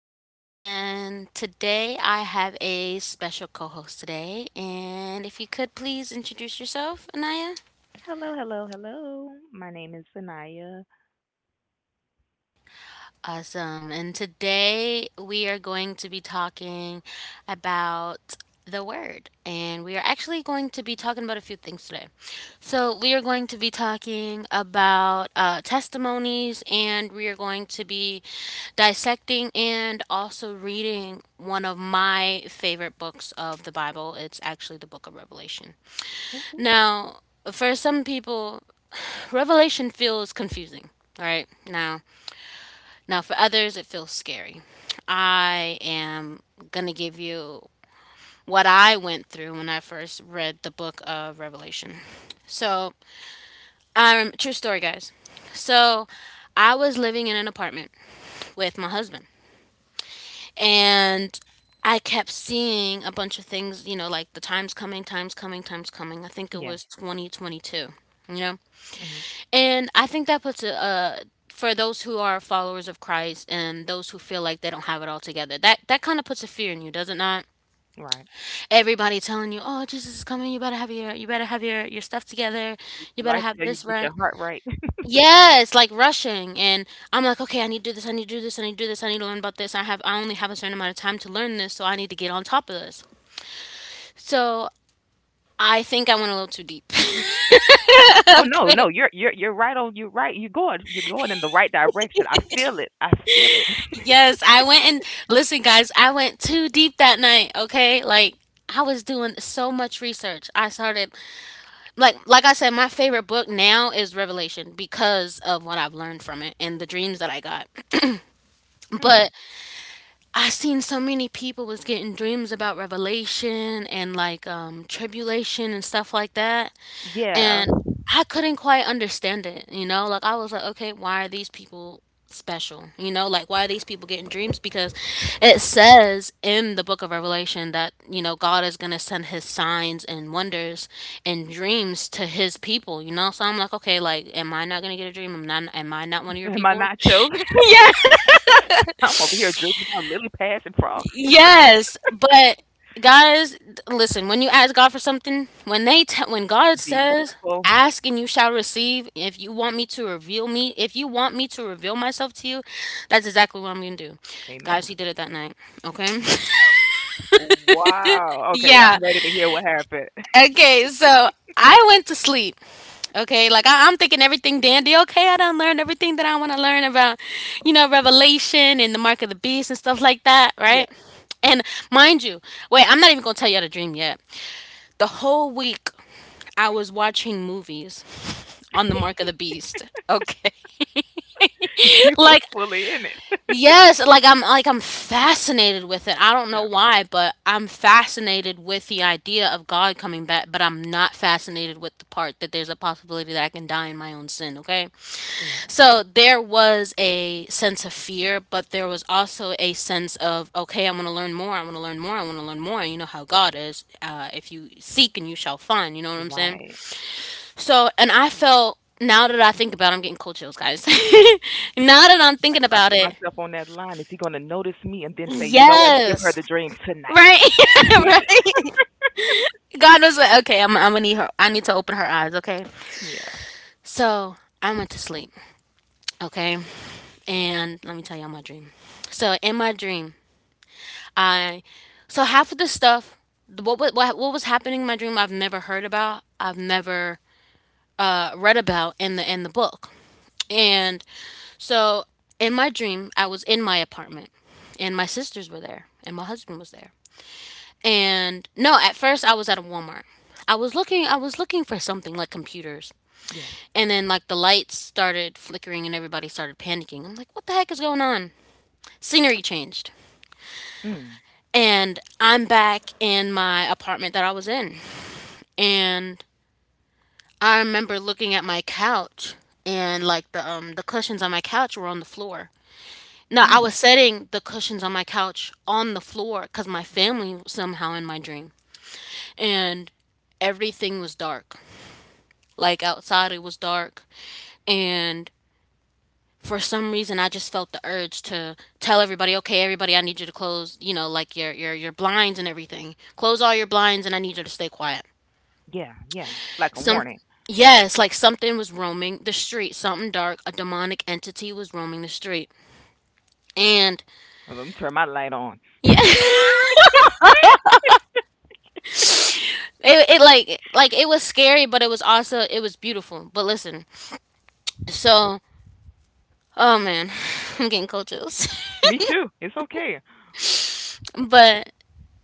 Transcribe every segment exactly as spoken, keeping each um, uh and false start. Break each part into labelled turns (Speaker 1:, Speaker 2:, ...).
Speaker 1: everyone. And today I have a special co host today. And if you could please introduce yourself, Anaya.
Speaker 2: Hello, hello, hello. My name is Sanaya.
Speaker 1: Awesome. And today we are going to be talking about the word. And we are actually going to be talking about a few things today. So, we are going to be talking about uh, testimonies, and we are going to be dissecting and also reading one of my favorite books of the Bible. It's actually the book of Revelation.
Speaker 2: Whoop, whoop.
Speaker 1: Now, for some people, Revelation feels confusing. All right. Now, now, for others, it feels scary. I am going to give you what I went through when I first read the book of Revelation. So, um, True story, guys. So, I was living in an apartment with my husband, and I kept seeing a bunch of things, you know, like the time's coming, time's coming, time's coming. I think it
Speaker 2: Yeah.
Speaker 1: was twenty twenty-two, you know?
Speaker 2: Hmm.
Speaker 1: And I think that puts a, uh, for those who are followers of Christ and those who feel like they don't have it all together, that that kind of puts a fear in you, does it not?
Speaker 2: Right.
Speaker 1: Everybody telling you, "Oh, Jesus is coming. You better have your you better have your your stuff together. You better
Speaker 2: Life,
Speaker 1: have
Speaker 2: yeah, you
Speaker 1: this
Speaker 2: get
Speaker 1: right."
Speaker 2: your heart right.
Speaker 1: Yes, like rushing, and I'm like, "Okay, I need to do this. I need to do this. I need to do this. I need to learn about this. I have I only have a certain amount of time to learn this, so I need to get on top of this." So I think I went a little too deep.
Speaker 2: Oh no,
Speaker 1: Okay.
Speaker 2: no, you're you're you're right on. You're right. You're going. You're going in the right direction. I feel it. I feel it.
Speaker 1: Yes, I went and listen, guys, I went too deep that night, okay? Like I was doing so much research. I started like like I said, my favorite book now is Revelation because of what I've learned from it and the dreams that I got.
Speaker 2: Hmm.
Speaker 1: But I seen so many people was getting dreams about Revelation and like um tribulation and stuff like that.
Speaker 2: Yeah.
Speaker 1: And I couldn't quite understand it, you know? Like I was like, okay, why are these people special? You know, like why are these people getting dreams? Because it says in the book of Revelation that, you know, God is gonna send his signs and wonders and dreams to his people, you know? So I'm like, okay, like am I not gonna get a dream? Am not am I not one of your
Speaker 2: Am I
Speaker 1: people?
Speaker 2: nacho? I'm over here dreaming about lily pads and frogs.
Speaker 1: Yes, but guys, th- listen, when you ask God for something, when they te- when God
Speaker 2: Be
Speaker 1: says,
Speaker 2: careful.
Speaker 1: "Ask and you shall receive," if you want me to reveal me, if you want me to reveal myself to you, that's exactly what I'm going to do. Guys,
Speaker 2: Amen.
Speaker 1: he did it that night, okay?
Speaker 2: Wow. Okay, I'm
Speaker 1: Yeah.
Speaker 2: ready to hear what happened.
Speaker 1: Okay, so I went to sleep. Okay, like I, I'm thinking everything dandy. Okay, I done learned everything that I want to learn about, you know, Revelation and the mark of the beast and stuff like that,
Speaker 2: Yeah.
Speaker 1: right? And mind you, wait, I'm not even gonna tell y'all the dream yet. The whole week I was watching movies on the mark of the beast. Okay,
Speaker 2: You were
Speaker 1: like
Speaker 2: fully in it.
Speaker 1: yes, like I'm like I'm fascinated with it. I don't know
Speaker 2: Yeah.
Speaker 1: why, but I'm fascinated with the idea of God coming back, but I'm not fascinated with the part that there's a possibility that I can die in my own sin, okay?
Speaker 2: Right.
Speaker 1: So there was a sense of fear, but there was also a sense of okay, I want to learn more. I want to learn more. I want to learn more. And you know how God is. Uh, if you seek and you shall find, you know what I'm saying?
Speaker 2: Right.
Speaker 1: So, and I felt now that I think about it, I'm getting cold chills, guys. Now that I'm
Speaker 2: Like
Speaker 1: thinking
Speaker 2: if I
Speaker 1: about
Speaker 2: put
Speaker 1: it,
Speaker 2: myself on that line, is he gonna notice me and then say, you know what, give her
Speaker 1: yes.
Speaker 2: the dream tonight?
Speaker 1: Right, right. God was like, okay, I'm, I'm gonna need her. I need to open her eyes. Okay.
Speaker 2: Yeah,
Speaker 1: So I went to sleep. Okay, and let me tell y'all my dream. So in my dream, I so half of the stuff, what what what what was happening in my dream, I've never heard about. I've never uh, read about in the in the book. And so in my dream, I was in my apartment and my sisters were there and my husband was there. And no, at first I was at a Walmart. I was looking I was looking for something like computers.
Speaker 2: yeah,
Speaker 1: And then like the lights started flickering and everybody started panicking. I'm like, "What the heck is going on?" Scenery changed.
Speaker 2: mm,
Speaker 1: And I'm back in my apartment that I was in. And I remember looking at my couch and like the um the cushions on my couch were on the floor. No, I was
Speaker 2: mm,
Speaker 1: setting the cushions on my couch on the floor cuz my family was somehow in my dream. And everything was dark. Like outside, it was dark. And for some reason, I just felt the urge to tell everybody, okay, everybody, I need you to close, you know, like your, your, your blinds and everything. Close all your blinds and I need you to stay quiet.
Speaker 2: yeah, yeah, like a
Speaker 1: Some,
Speaker 2: warning.
Speaker 1: yes, like something was roaming the street, something dark, a demonic entity was roaming the street. And
Speaker 2: Let me turn my light on.
Speaker 1: yeah, it, it like, like it was scary, but it was also, it was beautiful. But listen, so, oh man, I'm getting cold chills.
Speaker 2: Me too. It's okay.
Speaker 1: But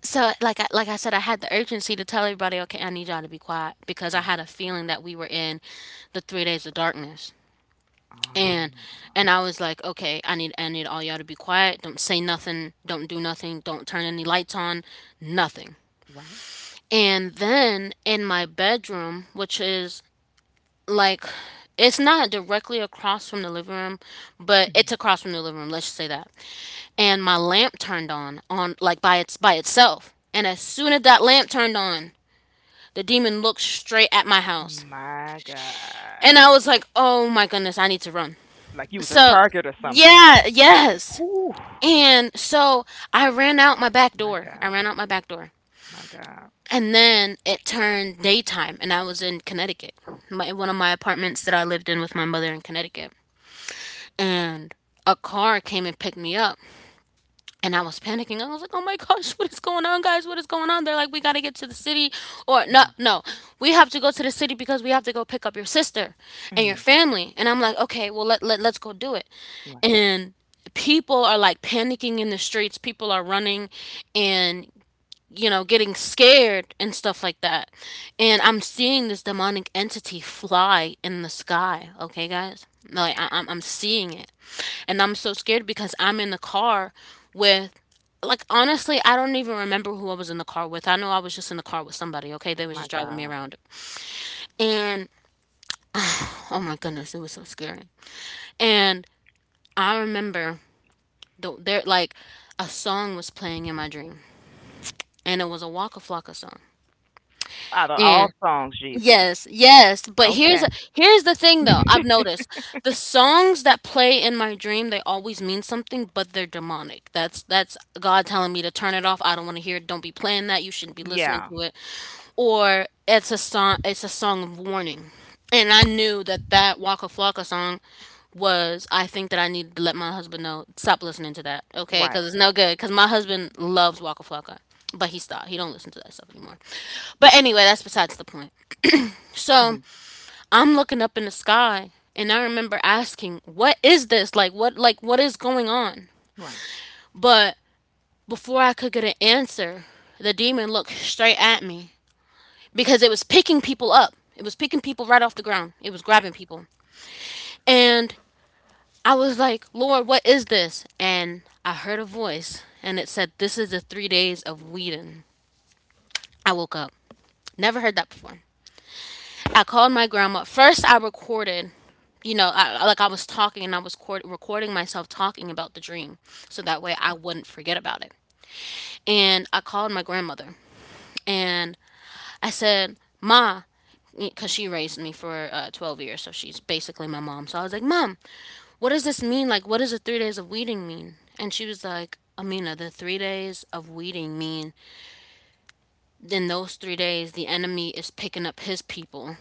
Speaker 1: so like I, like I said, I had the urgency to tell everybody, okay, I need y'all to be quiet because I
Speaker 2: Right.
Speaker 1: had a feeling that we were in the three days of darkness.
Speaker 2: Ah,
Speaker 1: And and I was like, okay, I need I need all y'all to be quiet. Don't say nothing. Don't do nothing. Don't turn any lights on. Nothing.
Speaker 2: right.
Speaker 1: And then in my bedroom, which is like it's not directly across from the living room, but
Speaker 2: Mhm.
Speaker 1: it's across from the living room, let's just say that. And my lamp turned on on like by its by itself. And as soon as that lamp turned on, the demon looked straight at my house.
Speaker 2: My
Speaker 1: And
Speaker 2: God.
Speaker 1: I was like, oh my goodness, I need to run.
Speaker 2: Like you was a
Speaker 1: So,
Speaker 2: target or something.
Speaker 1: yeah, yes.
Speaker 2: Whew.
Speaker 1: And so I ran out my back
Speaker 2: My
Speaker 1: door. I
Speaker 2: God.
Speaker 1: ran out my back door.
Speaker 2: My God.
Speaker 1: And then it turned daytime, and I was in Connecticut, my, one of my apartments that I lived in with my mother in Connecticut. And a car came and picked me up. And I was panicking. I was like, "Oh my gosh, what is going on, guys? What is going on?" They're like, "We got to get to the city." Or, "No,
Speaker 2: Mm,
Speaker 1: no. We have to go to the city because we have to go pick up your sister and your
Speaker 2: mm,
Speaker 1: family." And I'm like, "Okay, well let, let let's go do it."
Speaker 2: right.
Speaker 1: And people are like panicking in the streets. People are running and you know, getting scared and stuff like that. And I'm seeing this demonic entity fly in the sky, okay, guys? Like, I- I'm-, I'm seeing it. And I'm so scared because I'm in the car with, like, honestly, I don't even remember who I was in the car with. I know I was just in the car with somebody, okay? They was
Speaker 2: My
Speaker 1: just driving me
Speaker 2: God.
Speaker 1: around. And, oh my goodness, it was so scary. And I remember, the, there, like, a song was playing in my dream, and it was a Waka Flocka song.
Speaker 2: Out of all songs, Jesus.
Speaker 1: Yes, yes, but
Speaker 2: Okay.
Speaker 1: here's a, here's the thing though. I've noticed the songs that play in my dream, they always mean something, but they're demonic. That's that's God telling me to turn it off. I don't want to hear it. Don't be playing that. You shouldn't be listening
Speaker 2: Yeah.
Speaker 1: to it. Or it's a song it's a song of warning. And I knew that that Waka Flocka song was I think that I needed to let my husband know stop listening to that, okay?
Speaker 2: Right.
Speaker 1: Cuz it's no good cuz my husband loves Waka Flocka, but he stopped. He don't listen to that stuff anymore. But anyway, that's besides the point. So
Speaker 2: Mhm.
Speaker 1: I'm looking up in the sky and I remember asking, "What is this? Like what like what is going on?"
Speaker 2: Right.
Speaker 1: But before I could get an answer, the demon looked straight at me because it was picking people up. It was picking people right off the ground. It was grabbing people. And I was like, "Lord, what is this?" And I heard a voice and it said, "This is the three days of Whedon." I woke up. Never heard that before. I called my grandma. First, I recorded, you know, I, I- like I was talking and I was cord- recording myself talking about the dream so that way I wouldn't forget about it. And I called my grandmother and I said, "Ma," because she raised me for uh, twelve years, so she's basically my mom. So I was like, "Mom, what does this mean? Like, what does the three days of weeding mean?" And she was like, "Amina, the three days of weeding mean in those three days, the enemy is picking up his people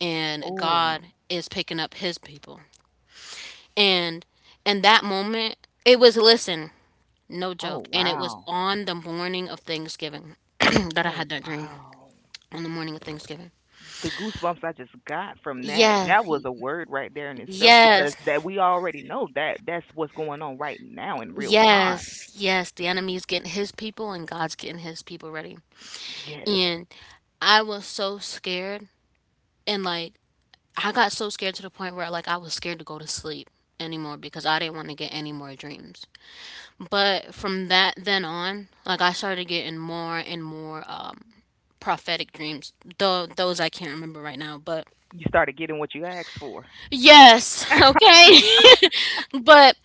Speaker 1: and
Speaker 2: Oh,
Speaker 1: God is picking up his people." And in that moment, it was, listen, no
Speaker 2: oh
Speaker 1: joke. And it was
Speaker 2: wow.
Speaker 1: on the morning of Thanksgiving that I
Speaker 2: Oh
Speaker 1: had that dream.
Speaker 2: wow.
Speaker 1: On the morning of Thanksgiving.
Speaker 2: The goosebumps I just got from that.
Speaker 1: Yeah,
Speaker 2: That was a word right there in itself because
Speaker 1: yes,
Speaker 2: that we already know that that's what's going on right now in real time.
Speaker 1: yes, yes. The enemy is getting his people and God's getting his people ready.
Speaker 2: Yes.
Speaker 1: And I was so scared, and like I got so scared to the point where like I was scared to go to sleep anymore because I didn't want to get any more dreams. But from that then on, like I started getting more and more um prophetic dreams. Though those I can't remember right now, but
Speaker 2: You started getting what you asked for.
Speaker 1: yes. Okay. But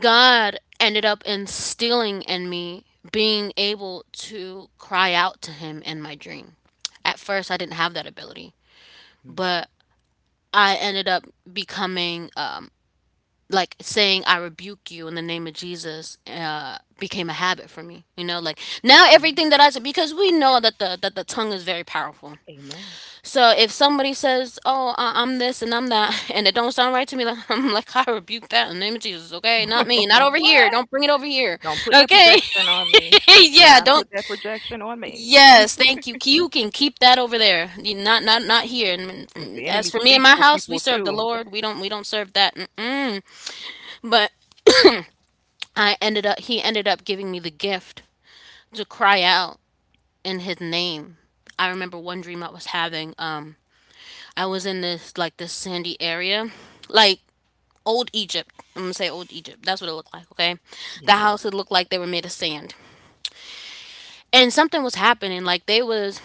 Speaker 1: God ended up instilling in me being able to cry out to him in my dream. At first I didn't have that ability,
Speaker 2: Mm,
Speaker 1: but I ended up becoming um like saying "I rebuke you in the name of Jesus" uh became a habit for me. You know, like now
Speaker 2: mm,
Speaker 1: everything that I said, because we know that the that the tongue is very powerful.
Speaker 2: amen.
Speaker 1: So if somebody says, "Oh, I- I'm this and I'm that," and it don't sound right to me, like I'm like, "I rebuke that in the name of Jesus. Okay, not me, not over here.
Speaker 2: What?
Speaker 1: Don't bring it over here."
Speaker 2: Don't put that
Speaker 1: Okay,
Speaker 2: projection on me. Do
Speaker 1: yeah,
Speaker 2: not put
Speaker 1: don't.
Speaker 2: that projection on me
Speaker 1: Yes, thank you. You can keep that over there. You- Not, not, not here. And
Speaker 2: because
Speaker 1: mm,
Speaker 2: the
Speaker 1: as
Speaker 2: enemy
Speaker 1: for me and
Speaker 2: speaks
Speaker 1: my
Speaker 2: through
Speaker 1: house, we
Speaker 2: people
Speaker 1: serve the
Speaker 2: too.
Speaker 1: Lord. We don't, we don't serve that. Mm-mm. But I ended up. He ended up giving me the gift to cry out in His name. I remember one dream I was having. Um, I was in this, like, this sandy area, like old Egypt. I'm gonna say old Egypt. That's what it looked like. Okay, the
Speaker 2: Yeah.
Speaker 1: houses looked like they were made of sand, and something was happening. Like they was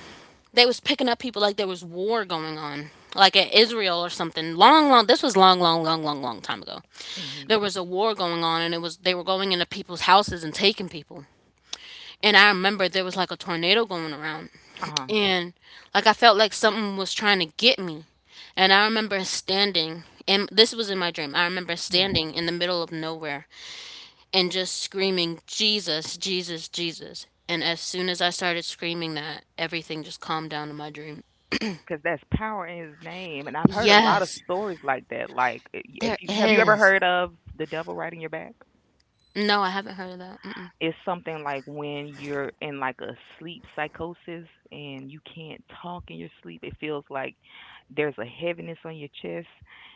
Speaker 1: they was picking up people, like there was war going on, like in Israel or something. Long, long. This was long, long, long, long, long time ago.
Speaker 2: Mhm.
Speaker 1: There was a war going on, and it was they were going into people's houses and taking people. And I remember there was like a tornado going around,
Speaker 2: Uh-huh.
Speaker 1: and like I felt like something was trying to get me. And I remember standing, and this was in my dream. I remember
Speaker 2: Yeah.
Speaker 1: standing in the middle of nowhere and just screaming, "Jesus, Jesus, Jesus." And as soon as I started screaming that, everything just calmed down in my dream.
Speaker 2: Because that's power in his name. And I've heard a lot of
Speaker 1: Yes,
Speaker 2: stories like that. Like, if
Speaker 1: there
Speaker 2: you have you ever
Speaker 1: is.
Speaker 2: heard of the devil riding your back?
Speaker 1: No, I haven't heard of that. Mm-mm.
Speaker 2: It's something like when you're in like a sleep psychosis and you can't talk in your sleep. It feels like there's a heaviness on your chest,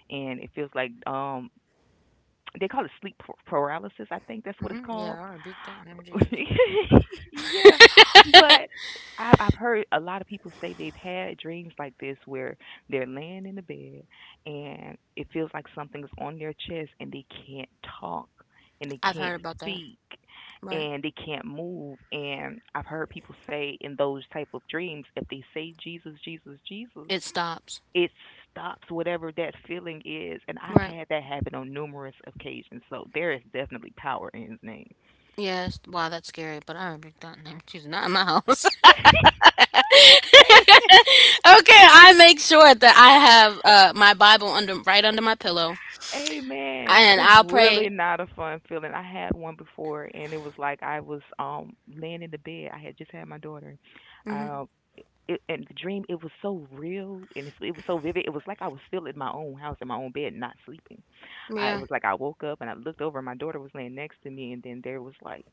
Speaker 2: and it feels like um they call it sleep par- paralysis. I think that's what it's
Speaker 1: Hmm. Yeah,
Speaker 2: called.
Speaker 1: all right, big thing, name of Jesus.
Speaker 2: Yeah, but I, I've heard a lot of people say they've had dreams like this where they're laying in the bed and it feels like something's on their chest and they can't talk and they
Speaker 1: I've
Speaker 2: can't
Speaker 1: heard about that.
Speaker 2: speak
Speaker 1: Right.
Speaker 2: and they can't move, and I've heard people say in those type of dreams if they say Jesus, Jesus, Jesus
Speaker 1: It stops.
Speaker 2: it stops whatever that feeling is, and I've
Speaker 1: Right.
Speaker 2: had that happen on numerous occasions, so there is definitely power in his name.
Speaker 1: Yes. Wow, that's scary, but I rebuke that in the name She's Not in my house. Okay,
Speaker 2: Hey,
Speaker 1: I make sure that I have uh, my Bible under right under my pillow,
Speaker 2: amen.
Speaker 1: and
Speaker 2: It's
Speaker 1: I'll
Speaker 2: really
Speaker 1: pray.
Speaker 2: not a fun feeling. I had one before, and it was like I was um laying in the bed. I had just had my daughter.
Speaker 1: Hmm.
Speaker 2: Um, it, and the dream it was so real and it's, it was so vivid. It was like I was still in my own house in my own bed, not sleeping. I It
Speaker 1: Yeah.
Speaker 2: was like I woke up and I looked over, and my daughter was laying next to me, and then there was like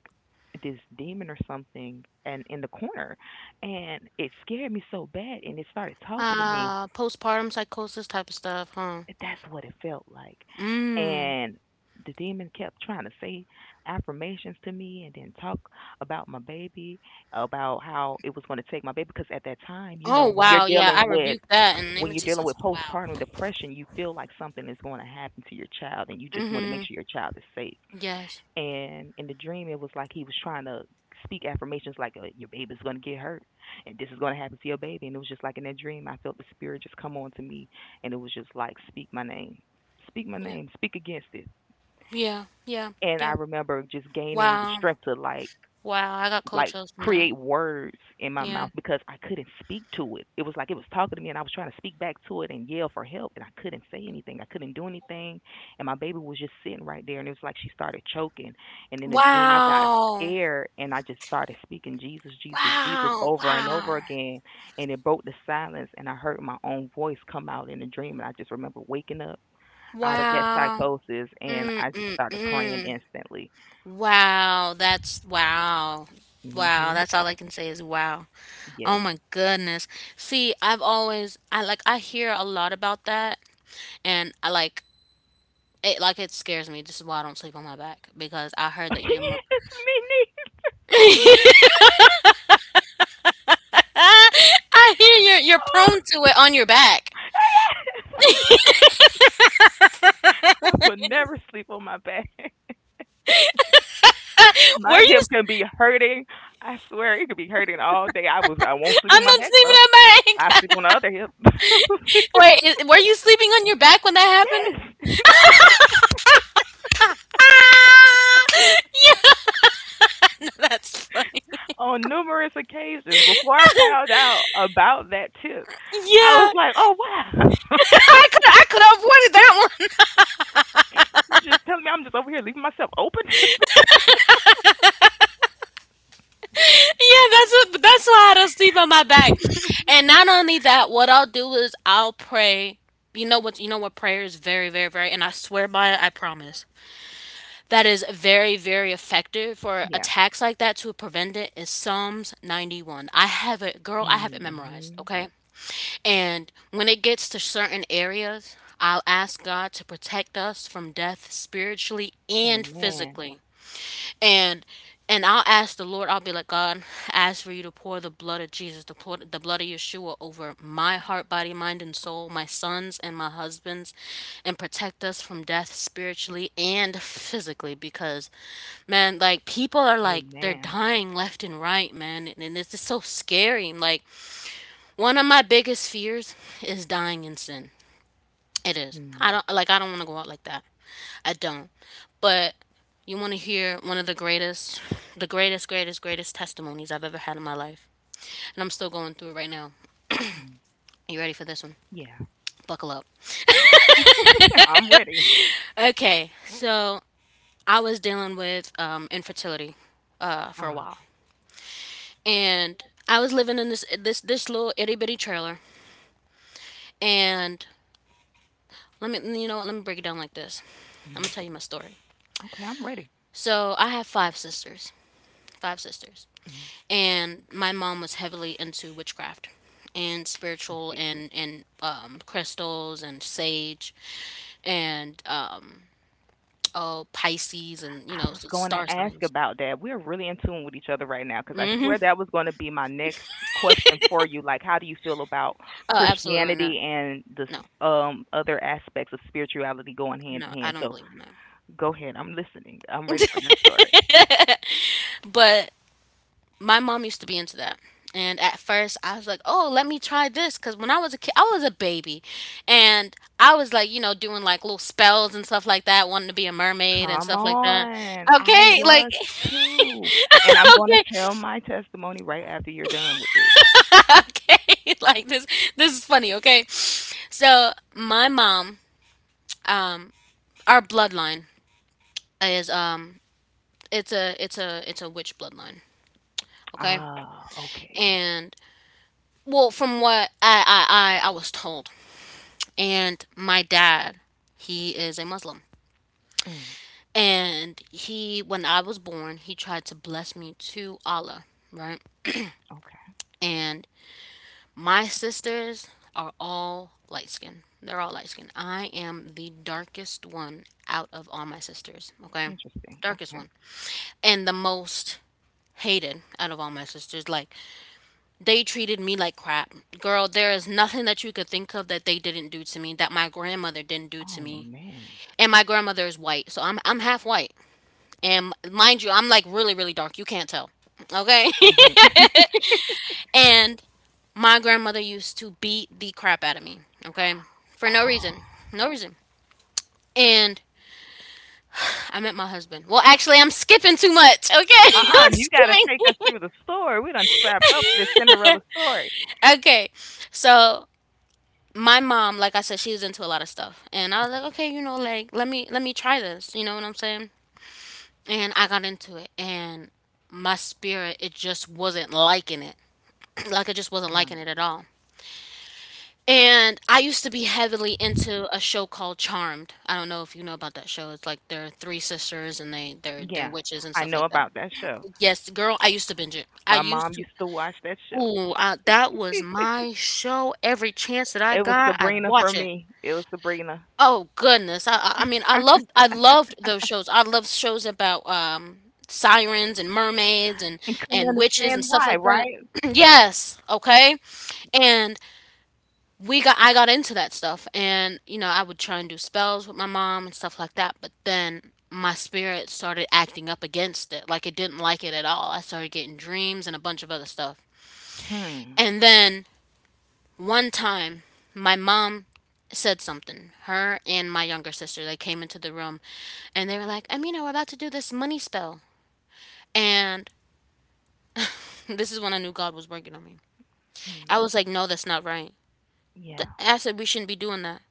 Speaker 2: this demon or something and in the corner, and it scared me so bad and it started talking to me.
Speaker 1: Ah, postpartum psychosis type of stuff, huh?
Speaker 2: That's what it felt like.
Speaker 1: Mm.
Speaker 2: And the demon kept trying to say affirmations to me and then talk about my baby, about how it was going to take my baby. Because at that time, you know,
Speaker 1: Oh,
Speaker 2: when you're
Speaker 1: wow, yeah, I
Speaker 2: dealing with
Speaker 1: rebuke that in the name
Speaker 2: when
Speaker 1: of
Speaker 2: you're dealing
Speaker 1: Jesus.
Speaker 2: with
Speaker 1: Wow.
Speaker 2: postpartum depression, you feel like something is going to happen to your child, and you just want to make
Speaker 1: Mhm.
Speaker 2: sure your child is safe.
Speaker 1: Yes.
Speaker 2: And in the dream, it was like he was trying to speak affirmations like, uh, your baby's going to get hurt and this is going to happen to your baby. And it was just like in that dream, I felt the spirit just come on to me, and it was just like, speak my name, speak my
Speaker 1: Yeah.
Speaker 2: name, speak against it.
Speaker 1: Yeah. Yeah.
Speaker 2: And I
Speaker 1: Yeah.
Speaker 2: remember just gaining the
Speaker 1: Wow.
Speaker 2: strength to like
Speaker 1: Wow. I got cold
Speaker 2: like
Speaker 1: chills from that.
Speaker 2: create words in my
Speaker 1: Yeah.
Speaker 2: mouth because I couldn't speak to it. It was like it was talking to me and I was trying to speak back to it and yell for help and I couldn't say anything. I couldn't do anything. And my baby was just sitting right there and it was like she started choking. And in the dream I got
Speaker 1: Wow.
Speaker 2: scared and I just started speaking Jesus, Jesus, Jesus
Speaker 1: Wow.
Speaker 2: over and
Speaker 1: Wow.
Speaker 2: over again, and it broke the silence and I heard my own voice come out in the dream, and I just remember waking up out of that
Speaker 1: Wow.
Speaker 2: psychosis, and
Speaker 1: Mm
Speaker 2: I just
Speaker 1: mm
Speaker 2: started praying
Speaker 1: mm.
Speaker 2: instantly.
Speaker 1: Wow. That's, wow. Wow.
Speaker 2: Mhm.
Speaker 1: That's all I can say is wow. Oh
Speaker 2: Yes.
Speaker 1: my goodness. See, I've always I like I hear a lot about that. And I like it, like it scares me. This is why I don't sleep on my back, because I heard that you're more
Speaker 2: Yes, me
Speaker 1: I hear you're you're
Speaker 2: neither.
Speaker 1: prone to it on your back.
Speaker 2: Yes.
Speaker 1: Were
Speaker 2: I will never sleep on my back. My
Speaker 1: you
Speaker 2: hip can be hurting. I swear it could be hurting all day. I was I won't sleep
Speaker 1: I'm
Speaker 2: on my
Speaker 1: not
Speaker 2: back
Speaker 1: sleeping
Speaker 2: though.
Speaker 1: on my
Speaker 2: I sleep
Speaker 1: back.
Speaker 2: on the other hip.
Speaker 1: Wait, is, were you sleeping on your back when that happened?
Speaker 2: Yes.
Speaker 1: Ah! Yeah. No, that's funny. Yeah.
Speaker 2: On numerous occasions before I found out about that tip, I was
Speaker 1: I
Speaker 2: like, "Oh wow."
Speaker 1: could I could have avoided that one.
Speaker 2: You just telling me I'm just over here leaving myself open.
Speaker 1: Yeah, that's what, that's why I don't sleep on my back. And not only that, what I'll do is I'll pray. You know what? You know what? Prayer is very, very, very, and I swear by it. I promise. That is very, very effective for
Speaker 2: Yeah.
Speaker 1: attacks like that to prevent it. Is Psalms ninety one? I have it, girl. I have it memorized.
Speaker 2: Mhm.
Speaker 1: Okay. And when it gets to certain areas, I'll ask God to protect us from death spiritually and
Speaker 2: Amen.
Speaker 1: physically, and and I'll ask the Lord. I'll be like, "God, I ask for you to pour the blood of Jesus, the pour, the blood of Yeshua over my heart, body, mind, and soul, my sons and my husbands, and protect us from death spiritually and physically." Because, man, like people are like they're
Speaker 2: Amen.
Speaker 1: dying left and right, man, and, and it's just so scary. Like one of my biggest fears is dying in sin, it is. I
Speaker 2: Mm.
Speaker 1: don't like I don't want to go out like that. I don't. But you want to hear one of the greatest the greatest greatest greatest testimonies I've ever had in my life. And I'm still going through it right now.
Speaker 2: Mm.
Speaker 1: You ready for this one?
Speaker 2: Yeah.
Speaker 1: Buckle up.
Speaker 2: I'm ready.
Speaker 1: Okay. So, I was dealing with um infertility uh for a
Speaker 2: Ah.
Speaker 1: while. And I was living in this this this little itty bitty trailer, and let me you know what, let me break it down like this. I'm going
Speaker 2: Mm.
Speaker 1: to tell you my story.
Speaker 2: Okay, I'm ready.
Speaker 1: So, I have five sisters. Five sisters.
Speaker 2: Mm.
Speaker 1: And my mom was heavily into witchcraft and
Speaker 2: I
Speaker 1: spiritual
Speaker 2: see.
Speaker 1: and and um, crystals and sage and um oh, Pisces and you
Speaker 2: I
Speaker 1: know
Speaker 2: was
Speaker 1: s-
Speaker 2: going to
Speaker 1: star
Speaker 2: ask
Speaker 1: signs.
Speaker 2: about that. We're really in tune with each other right now because I
Speaker 1: Hmm.
Speaker 2: swear that was going to be my next question for you. Like, how do you feel about
Speaker 1: Oh, absolutely not.
Speaker 2: Christianity and the
Speaker 1: No,
Speaker 2: s- um, other aspects of spirituality going hand
Speaker 1: no,
Speaker 2: in
Speaker 1: I
Speaker 2: hand?
Speaker 1: don't
Speaker 2: So
Speaker 1: believe in that.
Speaker 2: go ahead. I'm listening. I'm ready for this story.
Speaker 1: But my mom used to be into that. And at first, I was like, "Oh, let me try this," because when I was a kid, I was a baby, and I was like, you know, doing like little spells and stuff like that, wanting to be a mermaid and
Speaker 2: Come
Speaker 1: stuff like that.
Speaker 2: on. I
Speaker 1: Okay, like,
Speaker 2: was too. And I'm going to
Speaker 1: okay,
Speaker 2: tell my testimony right after you're done with this.
Speaker 1: okay like this this is funny. Okay, so my mom, um our bloodline is, um it's a it's a it's a witch bloodline, okay?
Speaker 2: Ah, okay.
Speaker 1: And well, from what i i i, I was told, and my dad, he is a Muslim,
Speaker 2: Mm,
Speaker 1: and he when I was born he tried to bless me to Allah, right?
Speaker 2: okay.
Speaker 1: And my sisters are all light skinned. They're all light skinned. I am the darkest one out of all my sisters, okay?
Speaker 2: Interesting.
Speaker 1: Darkest
Speaker 2: Okay.
Speaker 1: one. And the most hated out of all my sisters. Like, they treated me like crap. Girl, there is nothing that you could think of that they didn't do to me, that my grandmother didn't do to
Speaker 2: Oh,
Speaker 1: me.
Speaker 2: man.
Speaker 1: And my grandmother is white, so I'm, I'm half white. And mind you, I'm like really, really dark. You can't tell, okay?
Speaker 2: Mhm.
Speaker 1: And my grandmother used to beat the crap out of me, okay? For no reason.
Speaker 2: Oh.
Speaker 1: No reason. And I met my husband. Well, actually, I'm skipping too much, okay?
Speaker 2: Uh-uh,
Speaker 1: I'm
Speaker 2: you gotta take us
Speaker 1: skipping.
Speaker 2: through the story. We done strapped up for this Cinderella story.
Speaker 1: Okay. So, my mom, like I said, she was into a lot of stuff. And I was
Speaker 2: Okay.
Speaker 1: like, okay, you know, like let me let me try this, you know what I'm saying? And I got into it, and my spirit it just wasn't liking it. Like it just wasn't liking
Speaker 2: Mhm.
Speaker 1: it at all. And I used to be heavily into a show called Charmed. I don't know if you know about that show. It's like they're three sisters and they they're they're
Speaker 2: Yeah,
Speaker 1: witches and
Speaker 2: I
Speaker 1: stuff
Speaker 2: know
Speaker 1: like that.
Speaker 2: about that show.
Speaker 1: Yes, girl, I used to binge it. I
Speaker 2: My mom
Speaker 1: used to.
Speaker 2: used to watch that show.
Speaker 1: Ooh, I, that was my show. Every chance that I
Speaker 2: It was
Speaker 1: got, I'd
Speaker 2: Sabrina for
Speaker 1: watch it.
Speaker 2: me. It was Sabrina.
Speaker 1: Oh goodness. I I I mean, I loved I loved those shows. I loved shows about um sirens and mermaids and
Speaker 2: And couldn't
Speaker 1: and witches
Speaker 2: understand
Speaker 1: and stuff
Speaker 2: why,
Speaker 1: like that.
Speaker 2: right?
Speaker 1: Yes, okay? And we got I got into that stuff, and you know I would try and do spells with my mom and stuff like that, but then my spirit started acting up against it, like it didn't like it at all. I started getting dreams and a bunch of other stuff.
Speaker 2: Hmm.
Speaker 1: And then one time my mom said something, her and my younger sister, they came into the room, and they were like, "Amina, we're about to do this money spell." And this is when I knew God was working on me.
Speaker 2: Hmm.
Speaker 1: I was like, "No, that's not right."
Speaker 2: Yeah.
Speaker 1: Th- I said, "We shouldn't be doing that."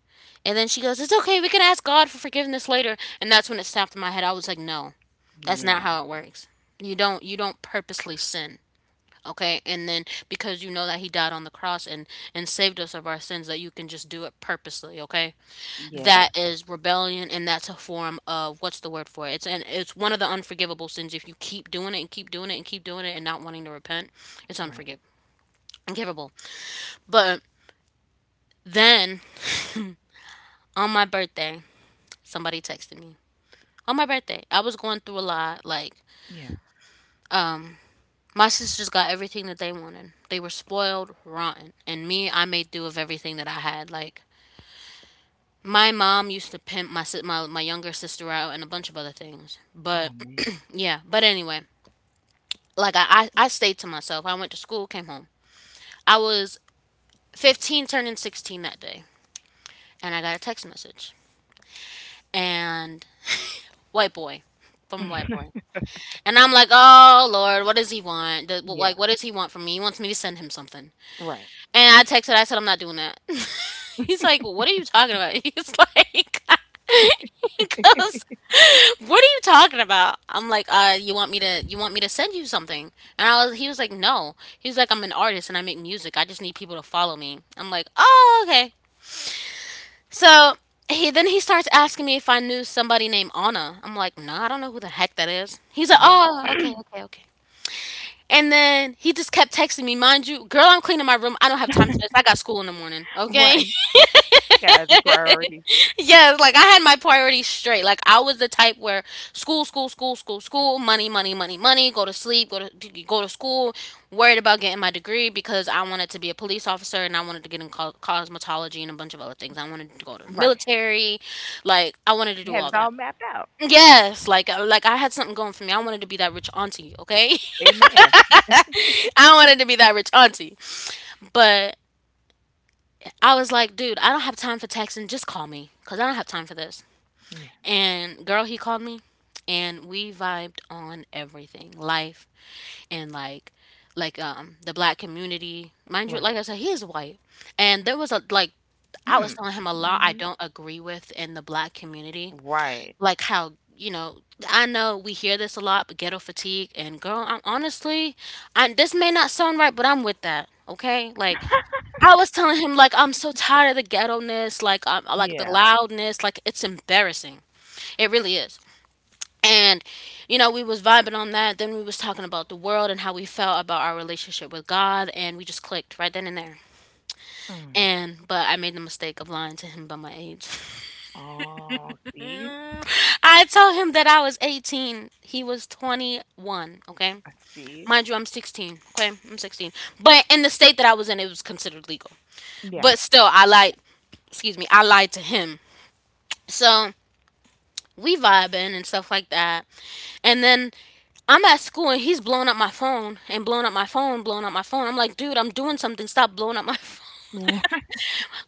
Speaker 1: And then she goes, "It's okay, we can ask God for forgiveness later." And that's when it snapped in my head. I was like, "No, that's
Speaker 2: Yeah.
Speaker 1: not how it works. You don't you don't purposely sin." Okay? And then because you know that he died on the cross and, and saved us of our sins that you can just do it purposely, okay?
Speaker 2: Yeah.
Speaker 1: That is rebellion and that's a form of what's the word for it? It's and it's one of the unforgivable sins if you keep doing it and keep doing it and keep doing it and not wanting to repent, it's
Speaker 2: Right.
Speaker 1: unforgivable. Unforgivable. But then on my birthday, somebody texted me on my birthday. I was going through a lot. Like,
Speaker 2: Yeah.
Speaker 1: um, my sisters got everything that they wanted. They were spoiled, rotten, and me, I made do of everything that I had. Like, my mom used to pimp my si- my my younger sister out and a bunch of other things.
Speaker 2: Oh
Speaker 1: But
Speaker 2: man.
Speaker 1: yeah, but anyway, like I, I I stayed to myself. I went to school, came home. I was fifteen, turning sixteen that day, and I got a text message and white boy from white boy. And I'm like, oh Lord, what does he want? Does-
Speaker 2: Yeah.
Speaker 1: Like, what does he want from me? He wants me to send him something.
Speaker 2: Right.
Speaker 1: And I texted, I said, I'm not doing that. He's like, what are you talking about? He's like, he goes, what are you talking about? I'm like, uh, you want me to you want me to send you something? And I was he was like, no. He was like, I'm an artist and I make music. I just need people to follow me. I'm like, oh, okay. So he then he starts asking me if I knew somebody named Anna. I'm like, no, I don't know who the heck that is. He's like,
Speaker 2: Yeah.
Speaker 1: oh, okay, okay, okay. And then he just kept texting me, mind you, girl, I'm cleaning my room. I don't have time for this. I got school in the morning. Okay.
Speaker 2: Right. I got other priorities.
Speaker 1: Yes, like I had my priorities straight. Like I was the type where school, school, school, school, school, money, money, money, money, go to sleep, go to go to school, worried about getting my degree because I wanted to be a police officer and I wanted to get in co- cosmetology and a bunch of other things. I wanted to go to the
Speaker 2: Right.
Speaker 1: military. Like I wanted to
Speaker 2: You
Speaker 1: do
Speaker 2: had
Speaker 1: all
Speaker 2: it all
Speaker 1: that.
Speaker 2: mapped out.
Speaker 1: Yes, like uh, like I had something going for me. I wanted to be that rich auntie, okay?
Speaker 2: Amen.
Speaker 1: I don't wanted to be that rich auntie. But I was like, dude, I don't have time for texting. Just call me because I don't have time for this.
Speaker 2: Yeah.
Speaker 1: And girl, he called me and we vibed on everything life and like like um the black community, mind you,
Speaker 2: Right.
Speaker 1: like I said, he is white, and there was a like I was
Speaker 2: Hmm.
Speaker 1: telling him a lot I
Speaker 2: Hmm.
Speaker 1: don't agree with in the black community,
Speaker 2: Right.
Speaker 1: like, how you know, I know we hear this a lot, but ghetto fatigue, and girl, I'm honestly, I this may not sound right, but I'm with that, okay? Like I was telling him, like, I'm so tired of the ghetto-ness, like, I'm like the
Speaker 2: Yeah.
Speaker 1: loudness, like, it's embarrassing. It really is. And you know, we was vibing on that, then we was talking about the world and how we felt about our relationship with God, and we just clicked right then and there.
Speaker 2: Mm.
Speaker 1: And but I made the mistake of lying to him about my age.
Speaker 2: Oh, see?
Speaker 1: I told him that I was eighteen. He was twenty-one, okay?
Speaker 2: I see.
Speaker 1: Mind you, I'm sixteen, okay? I'm sixteen. But in the state that I was in, it was considered legal.
Speaker 2: Yeah.
Speaker 1: But still, I lied. Excuse me, I lied to him. So we vibing and stuff like that. And then I'm at school and he's blowing up my phone and blowing up my phone, blowing up my phone. I'm like, dude, I'm doing something. Stop blowing up my phone.
Speaker 2: Right.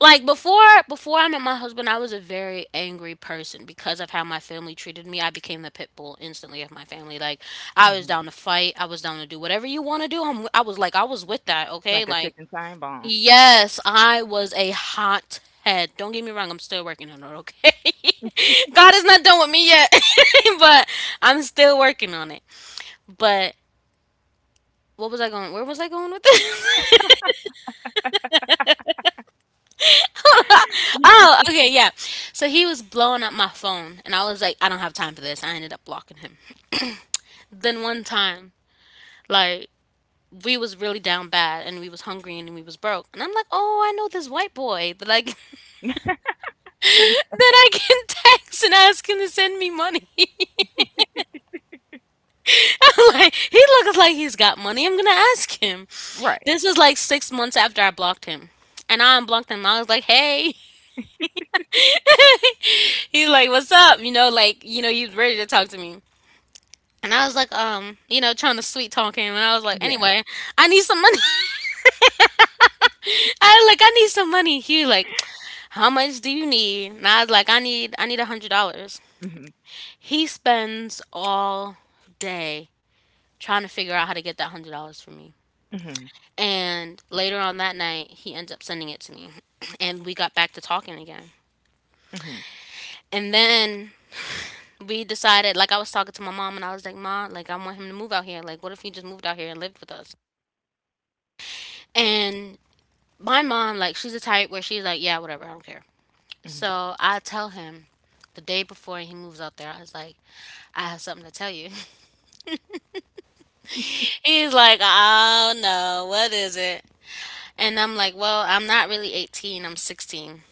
Speaker 1: like before Before I met my husband, I was a very angry person because of how my family treated me. I became the pit bull instantly of my family. Like I was
Speaker 2: Hmm.
Speaker 1: down to fight. I was down to do whatever you want to do. I'm, I was like I was with that. Okay,
Speaker 2: Like a
Speaker 1: like
Speaker 2: ticking time bomb.
Speaker 1: yes, I was a hot head. Don't get me wrong. I'm still working on it. Okay, God is not done with me yet, but I'm still working on it. But what was I going? Where was I going with this? Oh, okay, yeah. So he was blowing up my phone, and I was like, I don't have time for this. I ended up blocking him. Then one time, like we was really down bad, and we was hungry, and we was broke, and I'm like, oh, I know this white boy that I that
Speaker 2: Ye-
Speaker 1: I can text and ask him to send me money. I'm like, he looks like he's got money. I'm gonna ask him.
Speaker 2: right.
Speaker 1: This was like six months after I blocked him, and I unblocked him. I was like, hey. He's like, "What's up?" You know, like you know, he's ready to talk to me. And I was like, um, you know, trying to sweet talk him. And I was like,
Speaker 2: Yeah.
Speaker 1: anyway, I need some money. I was like, I need some money. He was like, how much do you need? And I was like, I need, I need a hundred dollars.
Speaker 2: Mhm.
Speaker 1: He spends all day trying to figure out how to get that hundred dollars for me.
Speaker 2: Mhm.
Speaker 1: And later on that night, he ends up sending it to me. And we got back to talking again.
Speaker 2: Mhm.
Speaker 1: And then we decided, like, I was talking to my mom and I was like, Ma, like, I want him to move out here. Like, what if he just moved out here and lived with us? And my mom, like, she's the type where she's like, yeah, whatever, I don't care.
Speaker 2: Mhm.
Speaker 1: So I tell him the day before he moves out there, I was like, I have something to tell you. He's like, oh no, what is it? And I'm like, well, I'm not really eighteen, I'm sixteen.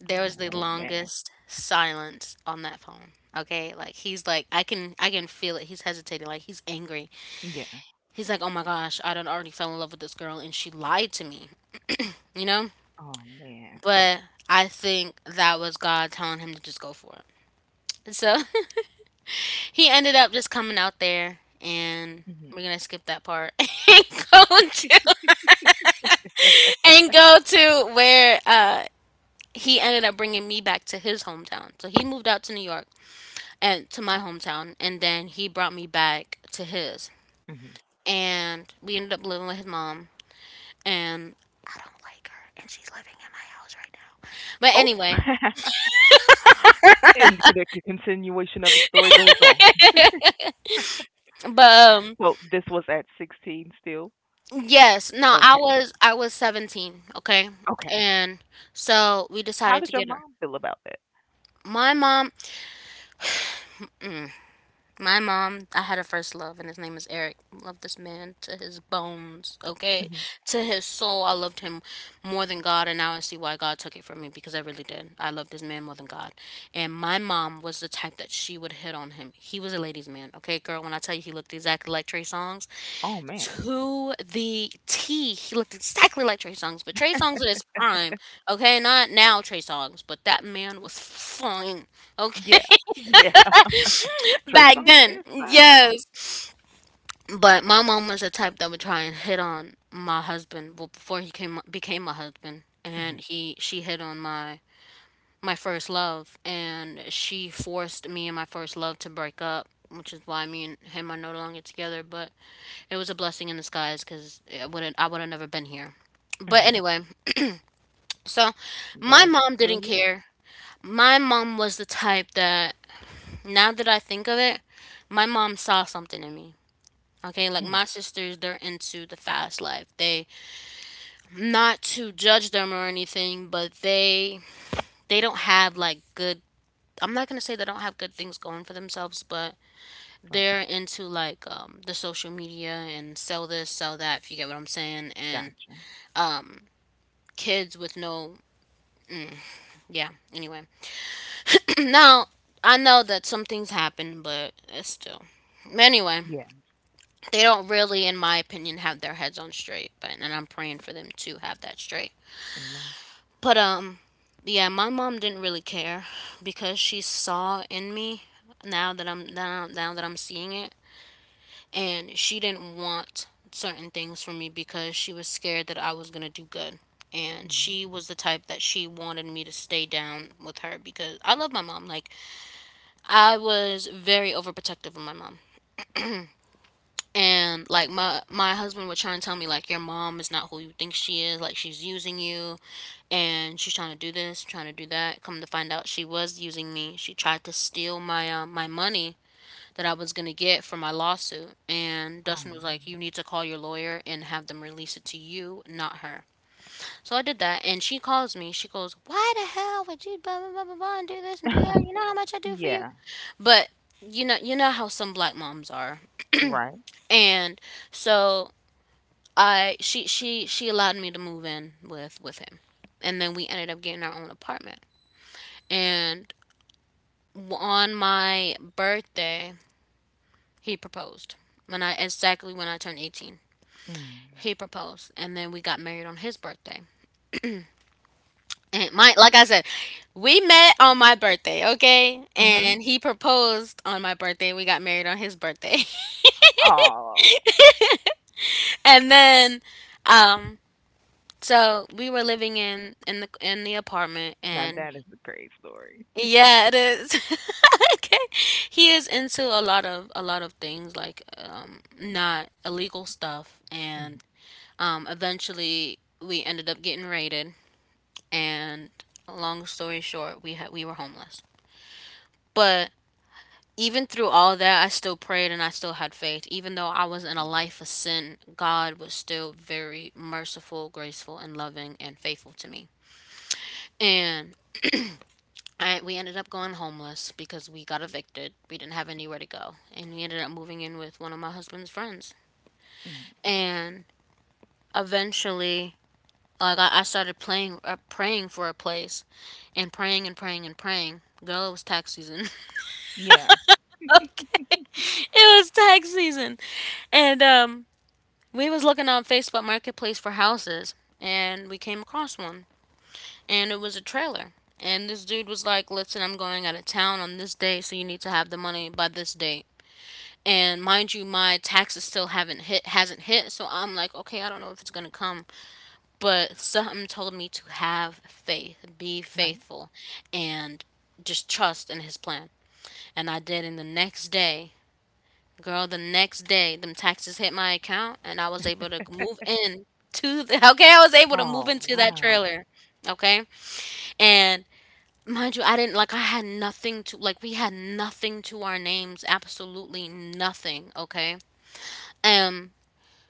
Speaker 1: There was the
Speaker 2: Oh man.
Speaker 1: longest silence on that phone. Okay, like he's like I can I can feel it. He's hesitating, like he's angry.
Speaker 2: Yeah.
Speaker 1: He's like, "Oh my gosh, I done already fell in love with this girl and she lied to me." You know?
Speaker 2: Oh man.
Speaker 1: But I think that was God telling him to just go for it. So he ended up just coming out there, and
Speaker 2: Mhm.
Speaker 1: we're gonna skip that part and go to and go to where uh, he ended up bringing me back to his hometown. So he moved out to New York and to my hometown, and then he brought me back to his.
Speaker 2: Mhm.
Speaker 1: And we ended up living with his mom, and I don't like her, and she's living in my house right now. But
Speaker 2: Oh.
Speaker 1: anyway,
Speaker 2: And the c- continuation of the story goes on.
Speaker 1: but um,
Speaker 2: So this was at sixteen still.
Speaker 1: yes, no, I
Speaker 2: Okay.
Speaker 1: was I was seventeen, okay,
Speaker 2: Okay.
Speaker 1: and so we
Speaker 2: How
Speaker 1: decided to
Speaker 2: did your
Speaker 1: get her.
Speaker 2: mom feel about that?
Speaker 1: My mom, mm, my mom, I had a first love, and his name is Eric. Loved this man to his bones, okay?
Speaker 2: Mhm.
Speaker 1: To his soul, I loved him more than God, and now I see why God took it from me because I really did. I loved this man more than God. And my mom was the type that she would hit on him. He was a ladies' man, okay, girl? When I tell you he looked exactly like Trey Songz,
Speaker 2: Oh man,
Speaker 1: to the T, he looked exactly like Trey Songz, but Trey Songz at his prime, okay? Not now Trey Songz, but that man was fine,
Speaker 2: yeah,
Speaker 1: okay?
Speaker 2: yeah. Trey
Speaker 1: Back
Speaker 2: Songz
Speaker 1: then,
Speaker 2: is fine now.
Speaker 1: yes. But my mom was the type that would try and hit on my husband well, before he came became my husband, and
Speaker 2: Hmm.
Speaker 1: he she hit on my my first love, and she forced me and my first love to break up, which is why me and him are no longer together. But it was a blessing in disguise because I wouldn't I would have never been here. But
Speaker 2: Hmm.
Speaker 1: anyway, so
Speaker 2: I'm
Speaker 1: my
Speaker 2: glad you're
Speaker 1: mom
Speaker 2: still
Speaker 1: didn't
Speaker 2: here.
Speaker 1: care. My mom was the type that now that I think of it, my mom saw something in me. Okay, like
Speaker 2: Hmm.
Speaker 1: my sisters, they're into the fast life. They Not to judge them or anything, but they they don't have like good. I'm not gonna say they don't have good things going for themselves, but
Speaker 2: Right,
Speaker 1: they're into like um, the social media and sell this, sell that. If you get what I'm saying, and
Speaker 2: gotcha.
Speaker 1: um, kids with no yeah. Anyway, now I know that some things happen, but it's still. Anyway,
Speaker 2: Yeah,
Speaker 1: they don't really, in my opinion, have their heads on straight, but and I'm praying for them to have that straight.
Speaker 2: amen.
Speaker 1: But um yeah, my mom didn't really care because she saw in me now that I'm now, now that I'm seeing it, and she didn't want certain things from me because she was scared that I was going to do good. And
Speaker 2: Hmm.
Speaker 1: she was the type that she wanted me to stay down with her because I love my mom. Like I was very overprotective of my mom. And like my my husband would try and tell me like your mom is not who you think she is, like she's using you, and she's trying to do this, trying to do that. Come to find out, she was using me. She tried to steal my uh, my money that I was gonna get for my lawsuit. And
Speaker 2: Oh,
Speaker 1: Dustin was like, "You need to call your lawyer and have them release it to you, not her." So I did that, and she calls me. She goes, "Why the hell would you blah blah blah blah blah and do this and do that?
Speaker 2: man.
Speaker 1: You know how much I do for you."
Speaker 2: Yeah,
Speaker 1: But you know, you know how some black moms are,
Speaker 2: right.
Speaker 1: and so I she she she allowed me to move in with with him, and then we ended up getting our own apartment. And on my birthday he proposed, when i exactly when i turned eighteen.
Speaker 2: Mm.
Speaker 1: He proposed and then we got married on his birthday. And my, like I said, we met on my birthday, okay,
Speaker 2: Hmm.
Speaker 1: and he proposed on my birthday, we got married on his birthday.
Speaker 2: Oh,
Speaker 1: And then um so we were living in in the in the apartment
Speaker 2: now
Speaker 1: and
Speaker 2: that is a great story.
Speaker 1: yeah, it is. Okay. He is into a lot of a lot of things like um not illegal stuff. And
Speaker 2: Hmm.
Speaker 1: um eventually we ended up getting raided, and long story short, we had we were homeless. But even through all that, I still prayed and I still had faith. Even though I was in a life of sin, God was still very merciful, graceful, and loving and faithful to me. And I, we ended up going homeless because we got evicted. We didn't have anywhere to go. And we ended up moving in with one of my husband's friends.
Speaker 2: Hmm.
Speaker 1: And eventually, like, I, I started playing, uh, praying for a place and praying and praying and praying. Girl, it was tax season.
Speaker 2: Yeah,
Speaker 1: Okay. It was tax season. And um, we was looking on Facebook Marketplace for houses. And we came across one. And it was a trailer. And this dude was like, listen, I'm going out of town on this day, so you need to have the money by this date. And mind you, my taxes still haven't hit hasn't hit, so I'm like, okay, I don't know if it's gonna come, but something told me to have faith, be
Speaker 2: right.
Speaker 1: faithful, and just trust in his plan. And I did, and the next day, girl, the next day them taxes hit my account, and I was able to move in to the okay, I was able to move
Speaker 2: Oh
Speaker 1: into that
Speaker 2: wow.
Speaker 1: trailer. Okay. And mind you, I didn't like I had nothing to like we had nothing to our names, absolutely nothing, okay. um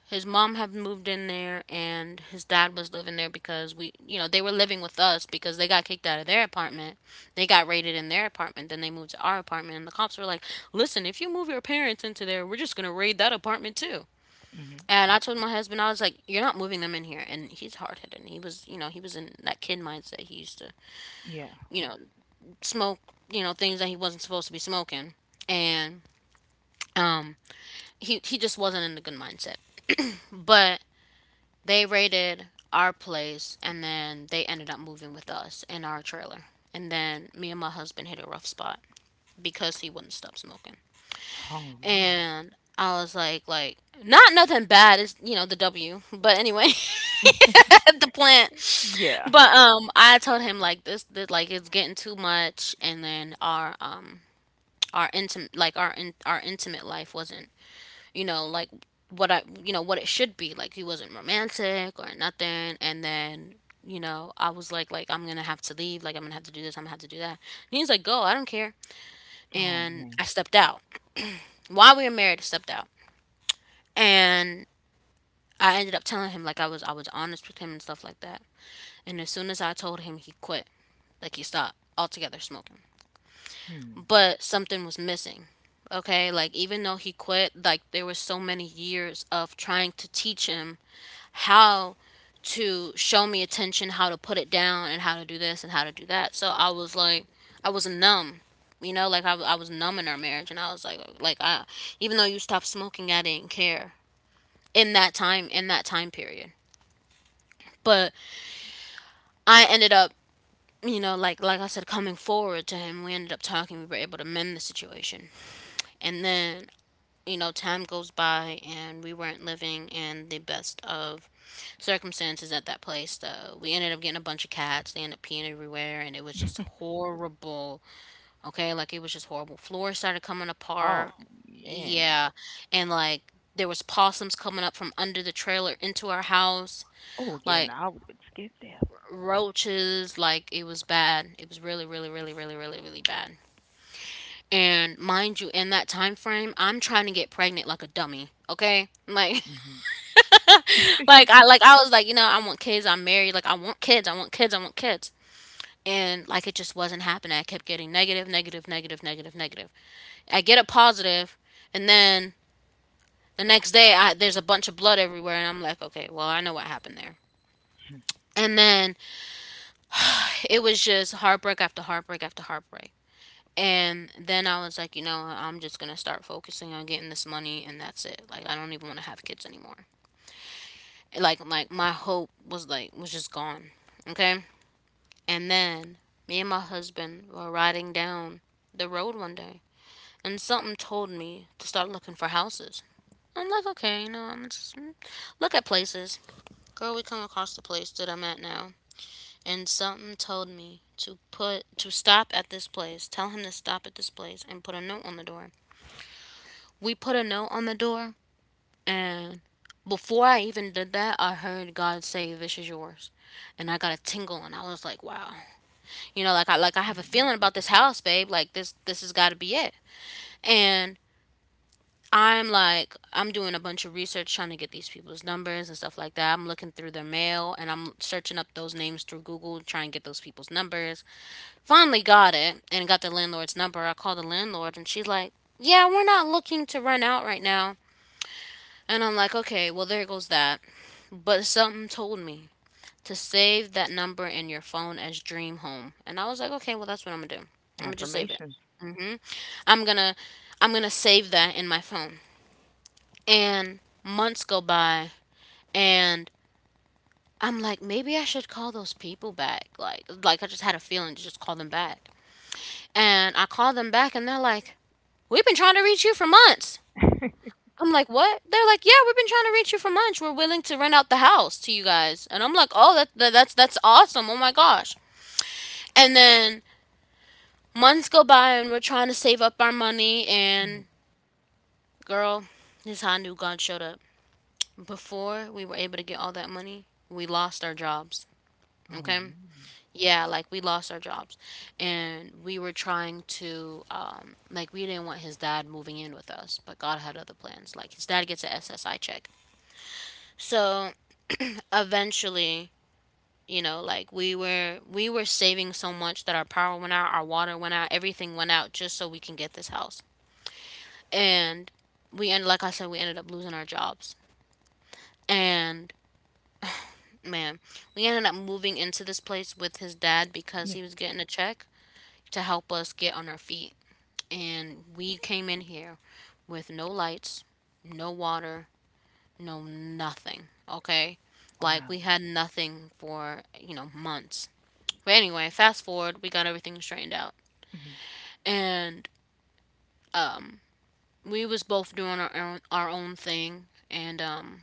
Speaker 1: his mom had moved in there and his dad was living there because, we, you know, they were living with us because they got kicked out of their apartment. They got raided in their apartment, then they moved to our apartment, and the cops were like, listen, if you move your parents into there, we're just going to raid that apartment too.
Speaker 2: Hmm.
Speaker 1: And I told my husband, I was like, you're not moving them in here. And he's hard-headed, and he was, you know, he was in that kid mindset. He used to,
Speaker 2: Yeah.
Speaker 1: you know, smoke, you know, things that he wasn't supposed to be smoking. And um he he just wasn't in a good mindset. But they raided our place and then they ended up moving with us in our trailer. And then me and my husband hit a rough spot because he wouldn't stop smoking.
Speaker 2: Oh man.
Speaker 1: And I was like, like, not nothing bad. It's you know the W, but anyway, at the plant.
Speaker 2: Yeah.
Speaker 1: But um, I told him like this, this, like it's getting too much, and then our um, our intimate, like our in, our intimate life wasn't you know, like what I, you know, what it should be. Like he wasn't romantic or nothing. And then, you know, I was like, like I'm gonna have to leave. Like I'm gonna have to do this. I'm gonna have to do that. And he's like, go. I don't care.
Speaker 2: Oh
Speaker 1: And I
Speaker 2: man.
Speaker 1: stepped out. While we were married, I stepped out. And I ended up telling him like I was, I was honest with him and stuff like that. And as soon as I told him, he quit. Like he stopped altogether smoking.
Speaker 2: Hmm.
Speaker 1: But something was missing, okay, like even though he quit, like there was so many years of trying to teach him how to show me attention, how to put it down, and how to do this and how to do that. So I was like, I was numb, you know, like I, I was numb in our marriage, and I was like, like I, even though you stopped smoking, I didn't care in that time, in that time period. But I ended up, you know, like like I said, coming forward to him. We ended up talking. We were able to mend the situation, and then you know, time goes by and we weren't living in the best of circumstances at that place. Though we ended up getting a bunch of cats. They ended up peeing everywhere, and it was just horrible. Okay, like it was just horrible. Floors started coming apart.
Speaker 2: Oh man.
Speaker 1: Yeah, and like there was possums coming up from under the trailer into our house.
Speaker 2: Oh, yeah,
Speaker 1: Like
Speaker 2: no, I would've been scared to death.
Speaker 1: roaches. Like it was bad. It was really, really, really, really, really, really bad. And mind you, in that time frame, I'm trying to get pregnant like a dummy. Okay, like
Speaker 2: Mhm.
Speaker 1: like I like I was like, you know, I want kids, I'm married, like I want kids, I want kids, I want kids. And like it just wasn't happening. I kept getting negative, negative, negative, negative, negative. I get a positive, and then the next day I there's a bunch of blood everywhere and I'm like, okay, well, I know what happened there. And then it was just heartbreak after heartbreak after heartbreak. And then I was like, you know, I'm just gonna start focusing on getting this money, and that's it. Like, I don't even want to have kids anymore. Like, like my hope was like was just gone. Okay. And then me and my husband were riding down the road one day, and something told me to start looking for houses. I'm like, okay, you know, I'm just mm, look at places. Girl, we come across the place that I'm at now, and something told me to put to stop at this place. Tell him to stop at this place and put a note on the door. We put a note on the door, and before I even did that, I heard God say, "This is yours," and I got a tingle, and I was like, wow. You know, like I like I have a feeling about this house, babe. Like this this has got to be it. And I'm like, I'm doing a bunch of research trying to get these people's numbers and stuff like that. I'm looking through their mail and I'm searching up those names through Google trying to get those people's numbers. Finally got it and got the landlord's number. I called the landlord and she's like, "Yeah, we're not looking to rent out right now." And I'm like, "Okay, well there goes that." But something told me to save that number in your phone as dream home. And I was like, "Okay, well that's what I'm going to do. I'm going to just save it."
Speaker 2: Affirmations.
Speaker 1: Hmm. I'm gonna I'm gonna save that in my phone. And months go by, and I'm like, maybe I should call those people back. Like like I just had a feeling to just call them back. And I call them back and they're like, we've been trying to reach you for months. I'm like, what? They're like, yeah, we've been trying to reach you for months. We're willing to rent out the house to you guys. And I'm like, oh, that, that that's that's awesome. Oh my gosh. And then months go by and we're trying to save up our money, and
Speaker 2: Mm.
Speaker 1: girl, this hot new gun showed up. Before we were able to get all that money, we lost our jobs.
Speaker 2: Oh,
Speaker 1: Okay?
Speaker 2: man.
Speaker 1: Yeah, like we lost our jobs. And we were trying to, um, like, we didn't want his dad moving in with us, but God had other plans. Like, his dad gets a S S I check. So eventually, you know, like we were we were saving so much that our power went out, our water went out, everything went out just so we can get this house. And we ended like I said, we ended up losing our jobs. And man, we ended up moving into this place with his dad because he
Speaker 2: Yeah,
Speaker 1: was getting a check to help us get on our feet. And we came in here with no lights, no water, no nothing. Okay? Like we
Speaker 2: wow.
Speaker 1: had nothing for, you know, months. But anyway, fast forward, we got everything straightened out.
Speaker 2: Mhm.
Speaker 1: And um we was both doing our own, our own thing, and um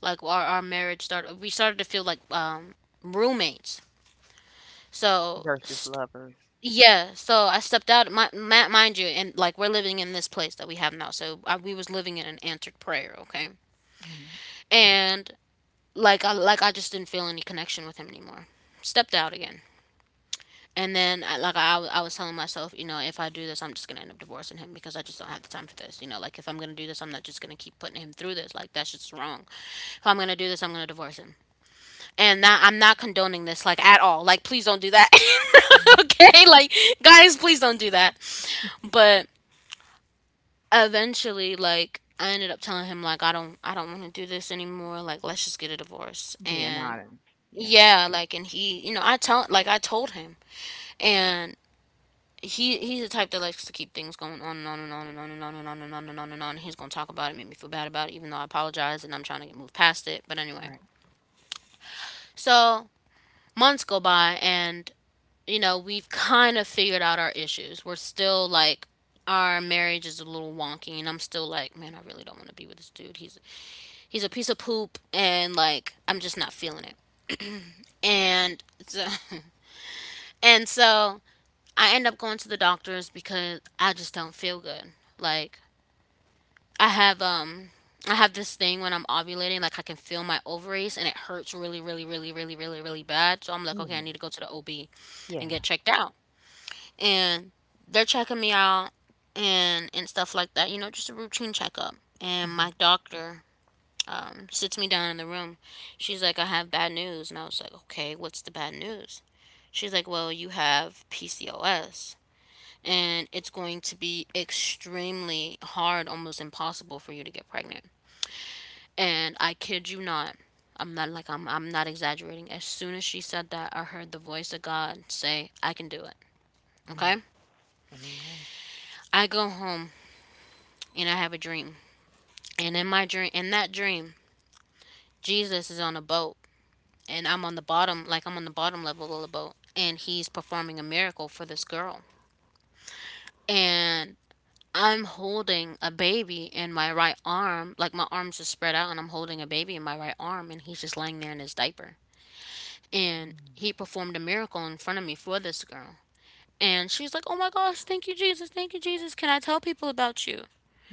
Speaker 1: like our, our marriage started, we started to feel like um roommates. So
Speaker 2: Versus lovers.
Speaker 1: yeah, so I stepped out. My, ma Mind you, and like we're living in this place that we have now, so I, we was living in an answered prayer, okay?
Speaker 2: Mhm.
Speaker 1: And like I like I just didn't feel any connection with him anymore. Stepped out again, and then I, like I, I was telling myself, you know, if I do this, I'm just gonna end up divorcing him because I just don't have the time for this. You know, like if I'm gonna do this, I'm not just gonna keep putting him through this. Like that's just wrong. If I'm gonna do this, I'm gonna divorce him, and that I'm not condoning this like at all. Like please don't do that.
Speaker 2: Mhm.
Speaker 1: Okay, like guys, please don't do that. But eventually, like I ended up telling him like I don't I don't want to do this anymore, like let's just get a divorce.
Speaker 2: Being
Speaker 1: And
Speaker 2: honest. Yeah,
Speaker 1: yeah, like, and he, you know, I tell like I told him. And he, he's the type that likes to keep things going on and on and on and on and on and on and on and on and on, and he's gonna talk about it, make me feel bad about it even though I apologize and I'm trying to get move past it. But anyway,
Speaker 2: right.
Speaker 1: so months go by, and you know, we've kind of figured out our issues. We're still like, our marriage is a little wonky, and I'm still like, man, I really don't want to be with this dude. he's he's a piece of poop, and like I'm just not feeling it. And so, and so I end up going to the doctors because I just don't feel good. Like I have um I have this thing when I'm ovulating, like I can feel my ovaries and it hurts really, really, really, really, really, really bad. So I'm like, okay, I need to
Speaker 2: Ooh,
Speaker 1: go to the O B and get
Speaker 2: yeah.
Speaker 1: checked out. And they're checking me out, and and stuff like that, you know, just a routine checkup. And my
Speaker 2: Mhm.
Speaker 1: doctor, um, sits me down in the room. She's like, I have bad news. And I was like, okay, what's the bad news? She's like, well, you have P C O S, and it's going to be extremely hard, almost impossible for you to get pregnant. And I kid you not, I'm not like I'm I'm not exaggerating. As soon as she said that, I heard the voice of God say, I can do it. Okay?
Speaker 2: Mm. Amen.
Speaker 1: I go home and I have a dream. And in my dream in that dream, Jesus is on a boat, and I'm on the bottom, like I'm on the bottom level of the boat, and he's performing a miracle for this girl. And I'm holding a baby in my right arm, like my arms are spread out, and I'm holding a baby in my right arm, and he's just laying there in his diaper. And he
Speaker 2: Mm.
Speaker 1: performed a miracle in front of me for this girl. And she was like, oh my gosh, thank you, Jesus, thank you, Jesus. Can I tell people about you?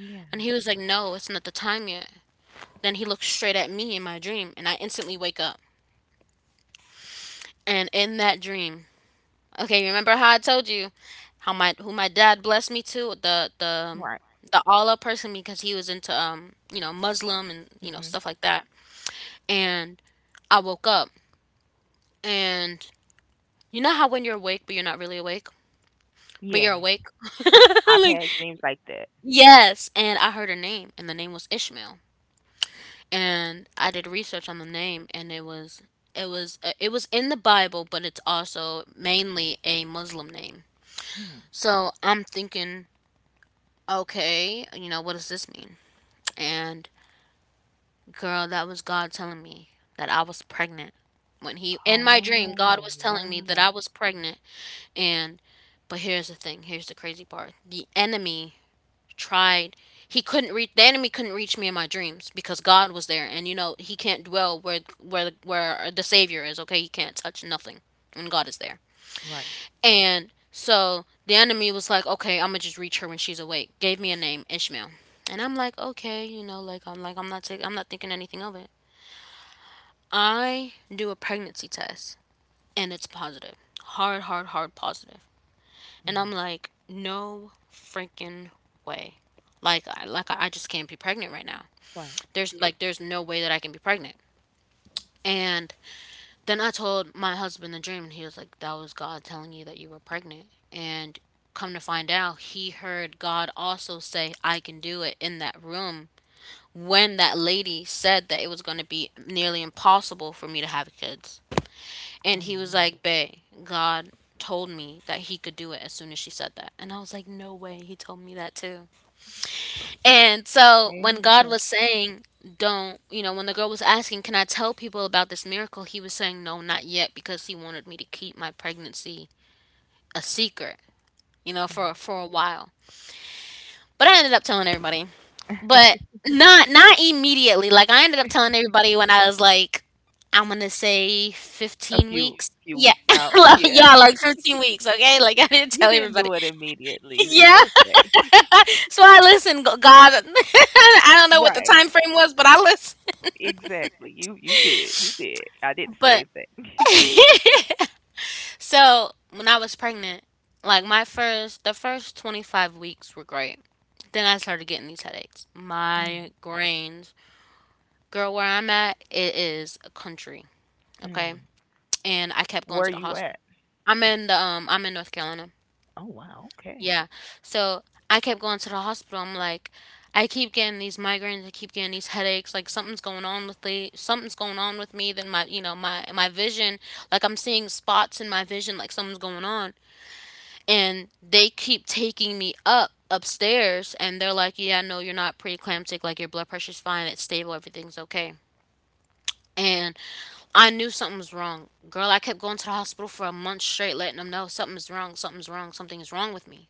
Speaker 2: Yeah.
Speaker 1: And he was like, no, it's not the time yet. Then he looks straight at me in my dream, and I instantly wake up. And in that dream, okay, remember how I told you how my who my dad blessed me to the the
Speaker 2: Right.
Speaker 1: the Allah person because he was into um you know, Muslim and you know, stuff
Speaker 2: Mhm.
Speaker 1: like that. And I woke up, and you know how when you're awake but you're not really awake, but you're
Speaker 2: Yeah.
Speaker 1: awake,
Speaker 2: I've
Speaker 1: like,
Speaker 2: had dreams like that.
Speaker 1: yes, and I heard her name, and the name was Ishmael. And I did research on the name, and it was it was uh, it was in the Bible, but it's also mainly a Muslim name.
Speaker 2: Hmm.
Speaker 1: So I'm thinking, okay, you know, what does this mean? And girl, that was God telling me that I was pregnant. When he In my dream, God was
Speaker 2: Oh,
Speaker 1: telling me that I
Speaker 2: wow.
Speaker 1: was pregnant. And but here's the thing, here's the crazy part. The enemy tried. He couldn't reach the enemy couldn't reach me in my dreams because God was there, and you know, he can't dwell where where where the savior is, okay? He can't touch nothing when God is there.
Speaker 2: Right.
Speaker 1: And so the enemy was like, okay, I'm gonna just reach her when she's awake. Gave me a name, Ishmael. And I'm like, okay, you know, like I'm like I'm not taking, I'm not thinking anything of it. I do a pregnancy test and it's positive, hard, hard, hard positive. And I'm
Speaker 2: Mm.
Speaker 1: like, no freaking way. Like I like I just can't be pregnant right now.
Speaker 2: Right.
Speaker 1: There's like there's no way that I can be pregnant. And then I told my husband the dream, and he was like, that was God telling you that you were pregnant. And come to find out, he heard God also say, I can do it, in that room when that lady said that it was going to be nearly impossible for me to have kids. And he
Speaker 2: Oh,
Speaker 1: was
Speaker 2: man.
Speaker 1: like, bae, God told me that he could do it as soon as she said that. And I was like, no way. He told me that too. And so when God was
Speaker 2: Amen.
Speaker 1: saying, don't, you know, when the girl was asking, can I tell people about this miracle? He was saying, no, not yet, because he wanted me to keep my pregnancy a secret, you know, for,
Speaker 2: Mhm.
Speaker 1: for a while. But I ended up telling everybody, but not, not immediately. Like I ended up telling everybody when I was like, I'm going to say fifteen
Speaker 2: A
Speaker 1: weeks.
Speaker 2: few few
Speaker 1: Yeah.
Speaker 2: weeks out.
Speaker 1: Like,
Speaker 2: Yeah.
Speaker 1: yeah. Like fifteen weeks. Okay. Like I didn't tell
Speaker 2: You didn't
Speaker 1: everybody.
Speaker 2: do it immediately.
Speaker 1: Yeah.
Speaker 2: It's okay.
Speaker 1: So I listened, G- God, I don't know what the time
Speaker 2: Right.
Speaker 1: frame was, but I listened.
Speaker 2: Exactly. You you did. You did. I did the
Speaker 1: But
Speaker 2: same thing.
Speaker 1: so when I was pregnant, like my first, the first twenty-five weeks were great. Then I started getting these headaches,
Speaker 2: Mm,
Speaker 1: migraines. Girl, where I'm at, it is a country, okay?
Speaker 2: mm.
Speaker 1: And I kept going to the
Speaker 2: Where you
Speaker 1: hospital.
Speaker 2: at?
Speaker 1: I'm in the um, I'm in North Carolina.
Speaker 2: Oh wow,
Speaker 1: Yeah.
Speaker 2: okay.
Speaker 1: So I kept going to the hospital. I'm like, I keep getting these migraines. I keep getting these headaches. Like something's going on with the something's going on with me. Then my, you know, my my vision. Like I'm seeing spots in my vision. Like something's going on. And they keep taking me up upstairs, and they're like, yeah, no, you're not preeclamptic, like your blood pressure's fine, it's stable, everything's okay. And I knew something was wrong. Girl, I kept going to the hospital for a month straight, letting them know something's wrong, something's wrong, something's wrong with me.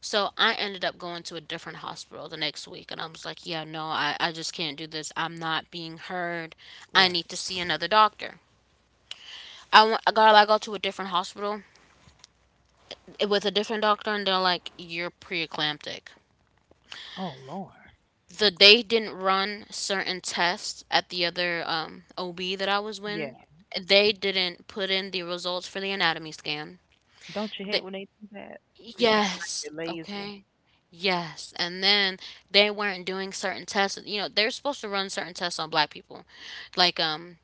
Speaker 1: So I ended up going to a different hospital the next week, and I was like, yeah, no, i, I just can't do this. I'm not being heard. I need
Speaker 2: Right.
Speaker 1: to see another doctor. I went, girl, I go to a different hospital, eh, with a different doctor, and they're like, "You're preeclamptic."
Speaker 2: Oh Lord.
Speaker 1: The they didn't run certain tests at the other um, O B that I was with.
Speaker 2: Yeah.
Speaker 1: They didn't put in the results for the anatomy scan.
Speaker 2: Don't you
Speaker 1: They,
Speaker 2: hate when they do that? It's just like
Speaker 1: yes,
Speaker 2: you're
Speaker 1: okay.
Speaker 2: lazy.
Speaker 1: Yes, and then they weren't doing certain tests. You know, they're supposed to run certain tests on black people, like um,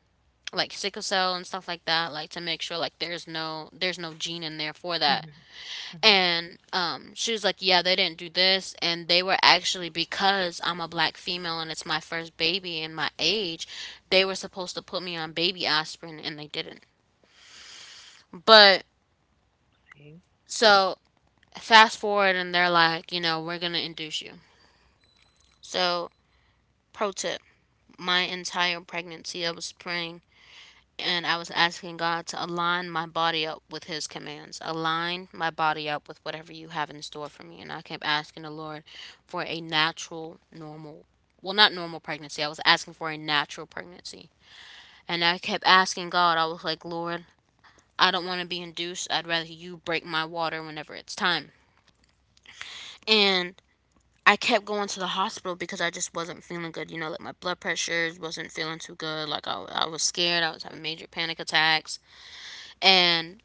Speaker 1: like sickle cell and stuff like that, like to make sure like there's no there's no gene in there for that.
Speaker 2: Hmm. Hmm.
Speaker 1: And um, she was like, yeah, they didn't do this. And they were actually, because I'm a black female and it's my first baby and my age, they were supposed to put me on baby aspirin, and they didn't. But
Speaker 2: See?
Speaker 1: so fast forward, and they're like, you know, we're going to induce you. So, pro tip, my entire pregnancy, I was praying and I was asking God to align my body up with His commands, align my body up with whatever you have in store for me. And I kept asking the Lord for a natural, normal, well, not normal pregnancy. I was asking for a natural pregnancy. And I kept asking God, I was like, Lord, I don't want to be induced. I'd rather you break my water whenever it's time. And I kept going to the hospital because I just wasn't feeling good. You know, like my blood pressure wasn't feeling too good. Like I, I was scared. I was having major panic attacks. And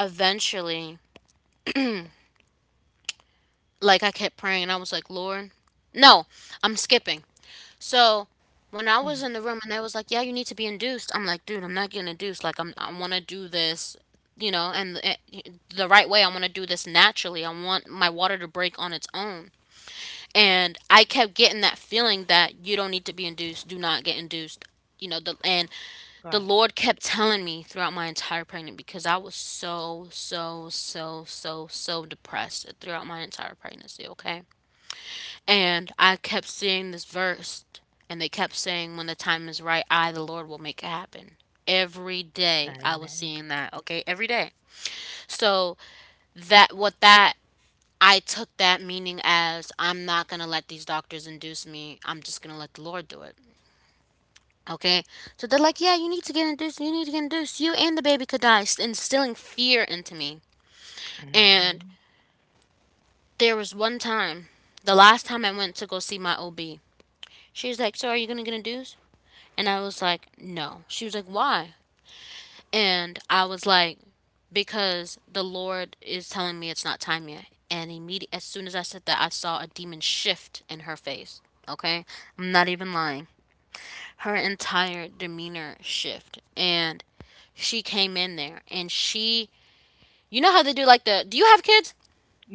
Speaker 1: eventually, like I kept praying and I was like, Lord, no, I'm skipping. So when I was in
Speaker 2: Mm-hmm.
Speaker 1: the room and they was like, yeah, you need to be induced. I'm like, dude, I'm not getting induced. Like I'm, I want to do this, you know, and it, the right way. I want to do this naturally. I want my water to break on its own. And I kept getting that feeling that you don't need to be induced. Do not get induced. You know, the and the
Speaker 2: Right.
Speaker 1: Lord kept telling me throughout my entire pregnancy because I was so, so, so, so, so depressed throughout my entire pregnancy, okay? And I kept seeing this verse, and they kept saying, when the time is right, I, the Lord, will make it happen. Every day I was
Speaker 2: Amen.
Speaker 1: seeing that, okay? Every day. So that, what that, I took that meaning as I'm not gonna let these doctors induce me. I'm just gonna let the Lord do it. Okay, so they're like, yeah, you need to get induced, you need to get induced, you and the baby could die, instilling fear into me. And
Speaker 2: Hmm.
Speaker 1: there was one time, the last time I went to go see my O B, she was like, so are you gonna get induced? And I was like, no. She was like, why? And I was like, because the Lord is telling me it's not time yet. And immediate, as soon as I said that, I saw a demon shift in her face. Okay, I'm not even lying. Her entire demeanor shift, and she came in there and she you know how they do like the do you have kids?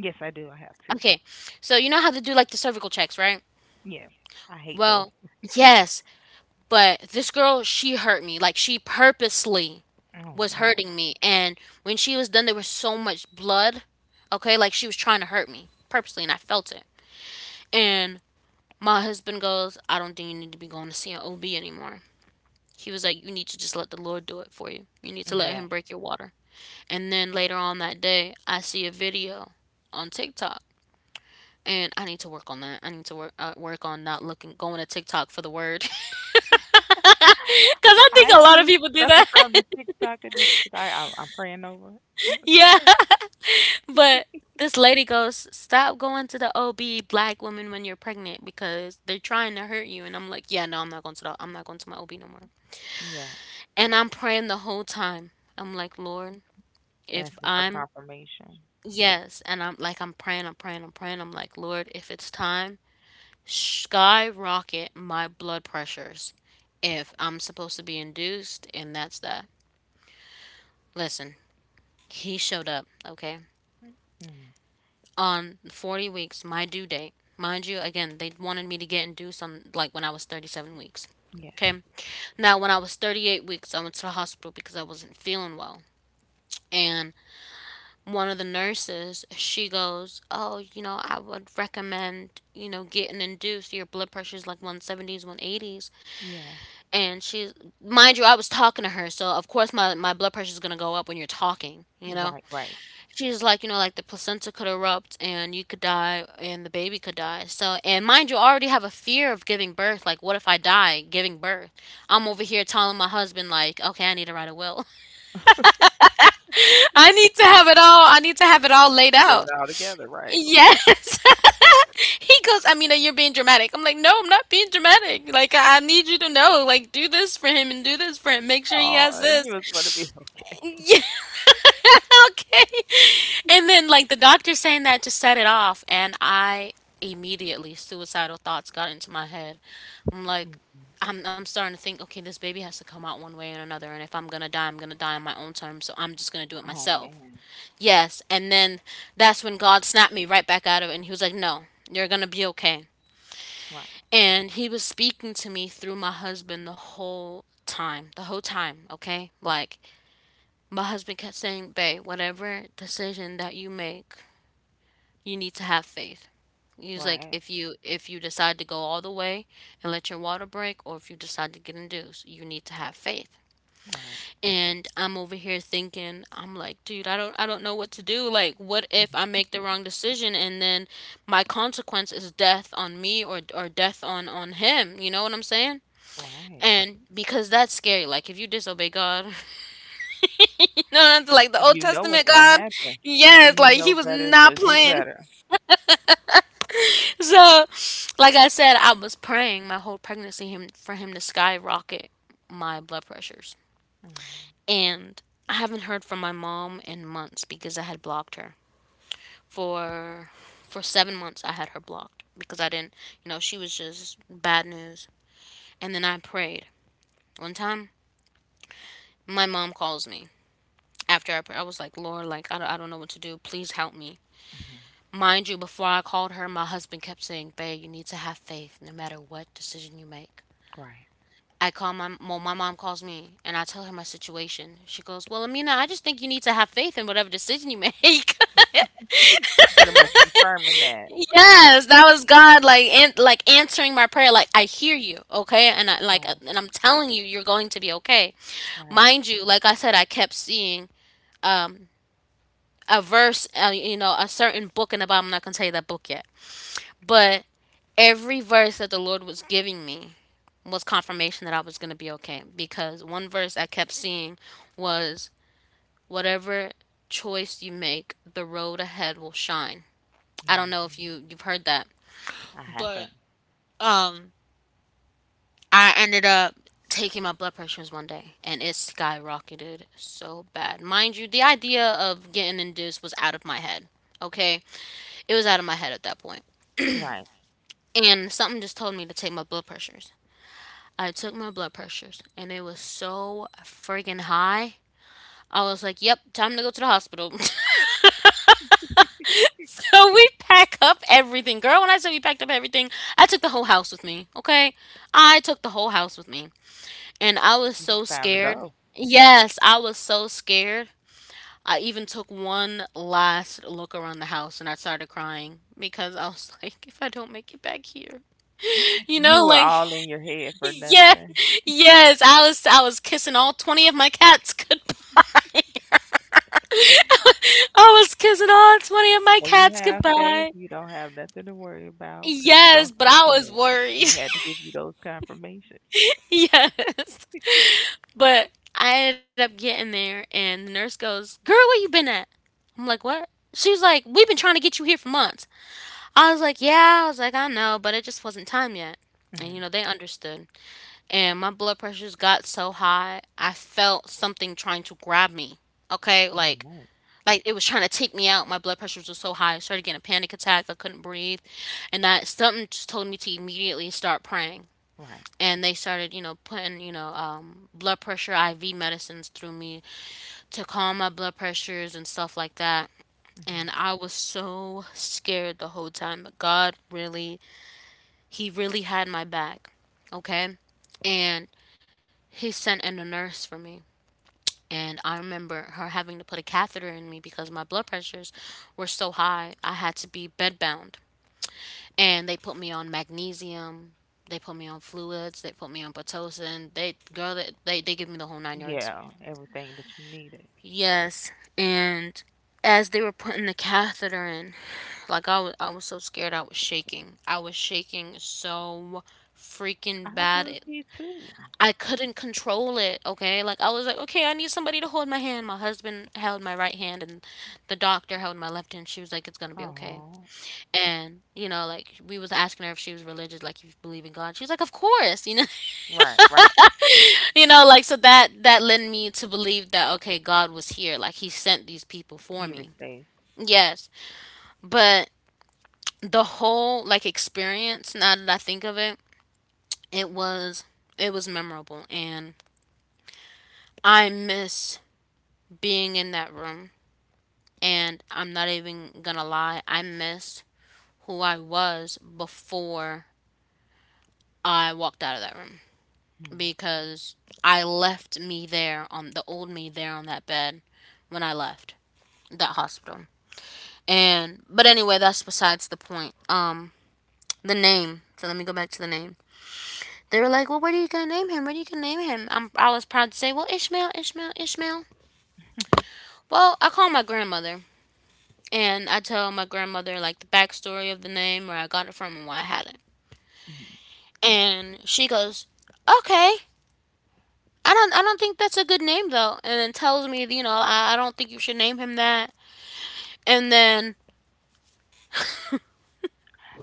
Speaker 2: Yes, I do. I have to.
Speaker 1: Okay, so you know how they do like the cervical checks, right?
Speaker 2: Yeah. I hate
Speaker 1: Well,
Speaker 2: those.
Speaker 1: yes, but this girl, she hurt me. Like she purposely
Speaker 2: Oh
Speaker 1: was hurting
Speaker 2: no.
Speaker 1: me, and when she was done there was so much blood. Okay, like she was trying to hurt me purposely and I felt it. And my husband goes, I don't think you need to be going to see an OB anymore. He was like, you need to just let the Lord do it for you. You need to let him
Speaker 2: Yeah.
Speaker 1: break your water. And then later on that day, I see a video on TikTok. And I need to work on that. I need to work uh, work on not looking going to TikTok for the word cuz I think a
Speaker 2: I
Speaker 1: lot of
Speaker 2: too
Speaker 1: people do
Speaker 2: suffer
Speaker 1: that.
Speaker 2: from the TikTok addiction. I I'm, I'm praying over it. It's
Speaker 1: Yeah,
Speaker 2: okay.
Speaker 1: but this lady goes, "Stop going to the O B, black woman, when you're pregnant, because they're trying to hurt you." And I'm like, "Yeah, no, I'm not going to the, I'm not going to my O B no more."
Speaker 2: Yeah,
Speaker 1: And I'm praying the whole time. I'm like, "Lord, if
Speaker 2: asking for
Speaker 1: I'm..."
Speaker 2: confirmation.
Speaker 1: Yes, and I'm like I'm praying, I'm praying, I'm praying. I'm like, Lord, if it's time, skyrocket my blood pressures if I'm supposed to be induced, and that's that. Listen, he showed up, okay?
Speaker 2: Mm.
Speaker 1: On forty weeks, my due date. Mind you, again, they wanted me to get induced on like when I was thirty-seven weeks.
Speaker 2: Yeah,
Speaker 1: Okay. Now, when I was thirty-eight weeks, I went to the hospital because I wasn't feeling well. And one of the nurses, she goes, oh, you know, I would recommend, you know, getting induced. Your blood pressure's like one seventies, one eighties.
Speaker 2: yeah.
Speaker 1: And she's, mind you, I was talking to her, so of course my, my blood pressure is going to go up when you're talking, you know.
Speaker 2: Right, right.
Speaker 1: She's like, you know, like the placenta could erupt and you could die and the baby could die. So, and mind you, I already have a fear of giving birth. Like, what if I die giving birth? I'm over here telling my husband like, okay, I need to write a will. I need to have it all i need to have it all laid
Speaker 2: Get
Speaker 1: out.
Speaker 2: it all together, right?
Speaker 1: Yes. He goes, I mean, you're being dramatic. I'm like, no, I'm not being dramatic. Like, I I need you to know, like, do this for him and do this for him. Make sure he
Speaker 2: Oh,
Speaker 1: has this.
Speaker 2: you was gonna be.
Speaker 1: Yeah. Okay. And then like the doctor saying that just set it off, and I immediately suicidal thoughts got into my head. I'm like,
Speaker 2: Mm-mm.
Speaker 1: I'm I'm starting to think, okay, this baby has to come out one way or another, and if I'm going to die, I'm going to die on my own terms, so I'm just going to do it
Speaker 2: Oh
Speaker 1: myself.
Speaker 2: man.
Speaker 1: Yes, and then that's when God snapped me right back out of it and he was like, "No, you're going to be okay."
Speaker 2: Right,
Speaker 1: And he was speaking to me through my husband the whole time, the whole time, okay? Like my husband kept saying, "Babe, whatever decision that you make, you need to have faith." He's like,
Speaker 2: right,
Speaker 1: "If you if you decide to go all the way and let your water break, or if you decide to get induced, you need to have faith."
Speaker 2: right,
Speaker 1: And I'm over here thinking, I'm like, dude, I don't I don't know what to do. Like, what if I
Speaker 2: mhm,
Speaker 1: make the wrong decision and then my consequence is death on me or or death on on him? You know what I'm saying?
Speaker 2: right.
Speaker 1: And because that's scary. Like, if you disobey God, no, not the- like the Old
Speaker 2: You know
Speaker 1: Testament
Speaker 2: what's
Speaker 1: God.
Speaker 2: gonna happen.
Speaker 1: Yes,
Speaker 2: You
Speaker 1: like he
Speaker 2: know
Speaker 1: was
Speaker 2: better,
Speaker 1: not
Speaker 2: so do
Speaker 1: playing.
Speaker 2: better.
Speaker 1: So, like I said, I was praying my whole pregnancy him for him to skyrocket my blood pressures.
Speaker 2: Mm.
Speaker 1: And I haven't heard from my mom in months because I had blocked her. For for seven months I had her blocked because I didn't, you know, she was just bad news. And then I prayed. One time my mom calls me after I pray. I was like, "Lord, like I don't, I don't know what to do. Please help me." Mind you, before I called her, my husband kept saying, babe, you need to have faith no matter what decision you make.
Speaker 2: Right.
Speaker 1: I call my well, my mom calls me and I tell her my situation. She goes, well, Amina, I just think you need to have faith in whatever decision you make.
Speaker 2: Pretty much confirming that.
Speaker 1: Yes, that was God like an- like answering my prayer. Like I hear you, okay, and I like uh,
Speaker 2: Right,
Speaker 1: and I'm telling you, you're going to be okay.
Speaker 2: right.
Speaker 1: Mind you, like I said, I kept seeing um a verse, uh, you know, a certain book in the Bible. I'm not gonna tell you that book yet, but every verse that the Lord was giving me was confirmation that I was going to be okay, because one verse I kept seeing was whatever choice you make, the road ahead will shine. I don't know if
Speaker 2: Hmm.
Speaker 1: you you've heard that,
Speaker 2: I
Speaker 1: but
Speaker 2: haven't.
Speaker 1: um I ended up taking my blood pressures one day and it skyrocketed so bad. Mind you, the idea of getting induced was out of my head. Okay? It was out of my head at that point.
Speaker 2: Right.
Speaker 1: And something just told me to take my blood pressures. I took my blood pressures and it was so friggin' high. I was like, yep, time to go to the hospital. So we pack up everything. Girl, when I said we packed up everything, I took the whole house with me, okay? I took the whole house with me. And I was
Speaker 2: It's
Speaker 1: so
Speaker 2: time to
Speaker 1: scared.
Speaker 2: go.
Speaker 1: Yes, I was so scared. I even took one last look around the house and I started crying because I was like, if I don't make it back here, you know,
Speaker 2: You are
Speaker 1: like,
Speaker 2: all in your head for
Speaker 1: yeah,
Speaker 2: nothing.
Speaker 1: yes, I was, I was kissing all twenty of my cats goodbye. I was kissing all twenty of my
Speaker 2: When you
Speaker 1: cats
Speaker 2: have faith,
Speaker 1: goodbye.
Speaker 2: you don't have nothing to worry about because he
Speaker 1: Yes,
Speaker 2: gonna
Speaker 1: but
Speaker 2: take
Speaker 1: I was
Speaker 2: care of it.
Speaker 1: worried.
Speaker 2: He had to give you those confirmations.
Speaker 1: Yes. But I ended up getting there, and the nurse goes, girl, where you been at? I'm like, what? She was like, we've been trying to get you here for months. I was like, yeah. I was like, I know, but it just wasn't time yet. And, you know,
Speaker 2: Hmm.
Speaker 1: they understood. And my blood pressures got so high, I felt something trying to grab me. Okay?
Speaker 2: Oh
Speaker 1: Like,
Speaker 2: no,
Speaker 1: like it was trying to take me out. My blood pressure was so high. I started getting a panic attack. I couldn't breathe, and that something just told me to immediately start praying.
Speaker 2: right?
Speaker 1: And they started, you know, putting, you know, um, blood pressure I V medicines through me to calm my blood pressures and stuff like that. And
Speaker 2: Hmm.
Speaker 1: I was so scared the whole time. But God really, he really had my back. Okay. And he sent in a nurse for me. And I remember her having to put a catheter in me because my blood pressures were so high. I had to be bedbound. And they put me on magnesium. They put me on fluids. They put me on Pitocin. They, girl, they, they, they give me the whole nine yards.
Speaker 2: Yeah, everything that you needed.
Speaker 1: Yes. And as they were putting the catheter in, like I was, I was so scared. I was shaking. I was shaking so freaking
Speaker 2: I
Speaker 1: bad.
Speaker 2: would
Speaker 1: It,
Speaker 2: be too.
Speaker 1: I couldn't control it, okay? Like I was like, okay, I need somebody to hold my hand. My husband held my right hand and the doctor held my left hand. She was like, it's going to be okay.
Speaker 2: Oh,
Speaker 1: And, you know, like we was asking her if she was religious, like you believe in God. She was like, of course, you know.
Speaker 2: right, right.
Speaker 1: You know, like so that that led me to believe that okay, God was here, like he sent these people for
Speaker 2: You were
Speaker 1: me.
Speaker 2: safe.
Speaker 1: Yes. But the whole like experience, now that I think of it, it was, it was memorable, and I miss being in that room. And I'm not even gonna lie, I miss who I was before I walked out of that room,
Speaker 2: Mm-hmm.
Speaker 1: because I left me there on the old me there on that bed when I left that hospital. And but anyway, that's besides the point. Um, the name. So let me go back to the name. They were like, "Well, what are you gonna name him? What are you gonna name him?" I'm, I was proud to say, "Well, Ishmael, Ishmael, Ishmael." Well, I call my grandmother and I tell my grandmother like the backstory of the name, where I got it from, and why I had it. And she goes, "Okay, I don't, I don't think that's a good name though." And then tells me, you know, I, I don't think you should name him that. And then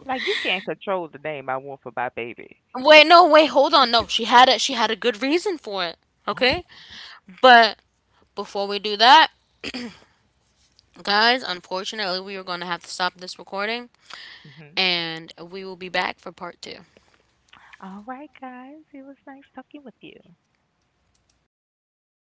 Speaker 2: Like you can't control the name I want for my baby.
Speaker 1: wait, no, wait, hold on, no, she had it. She had a good reason for it.
Speaker 2: Okay.
Speaker 1: Okay, but before we do that, guys, unfortunately, we are going to have to stop this recording,
Speaker 2: Hmm.
Speaker 1: and we will be back for part two.
Speaker 2: All right, guys. It was nice talking with you.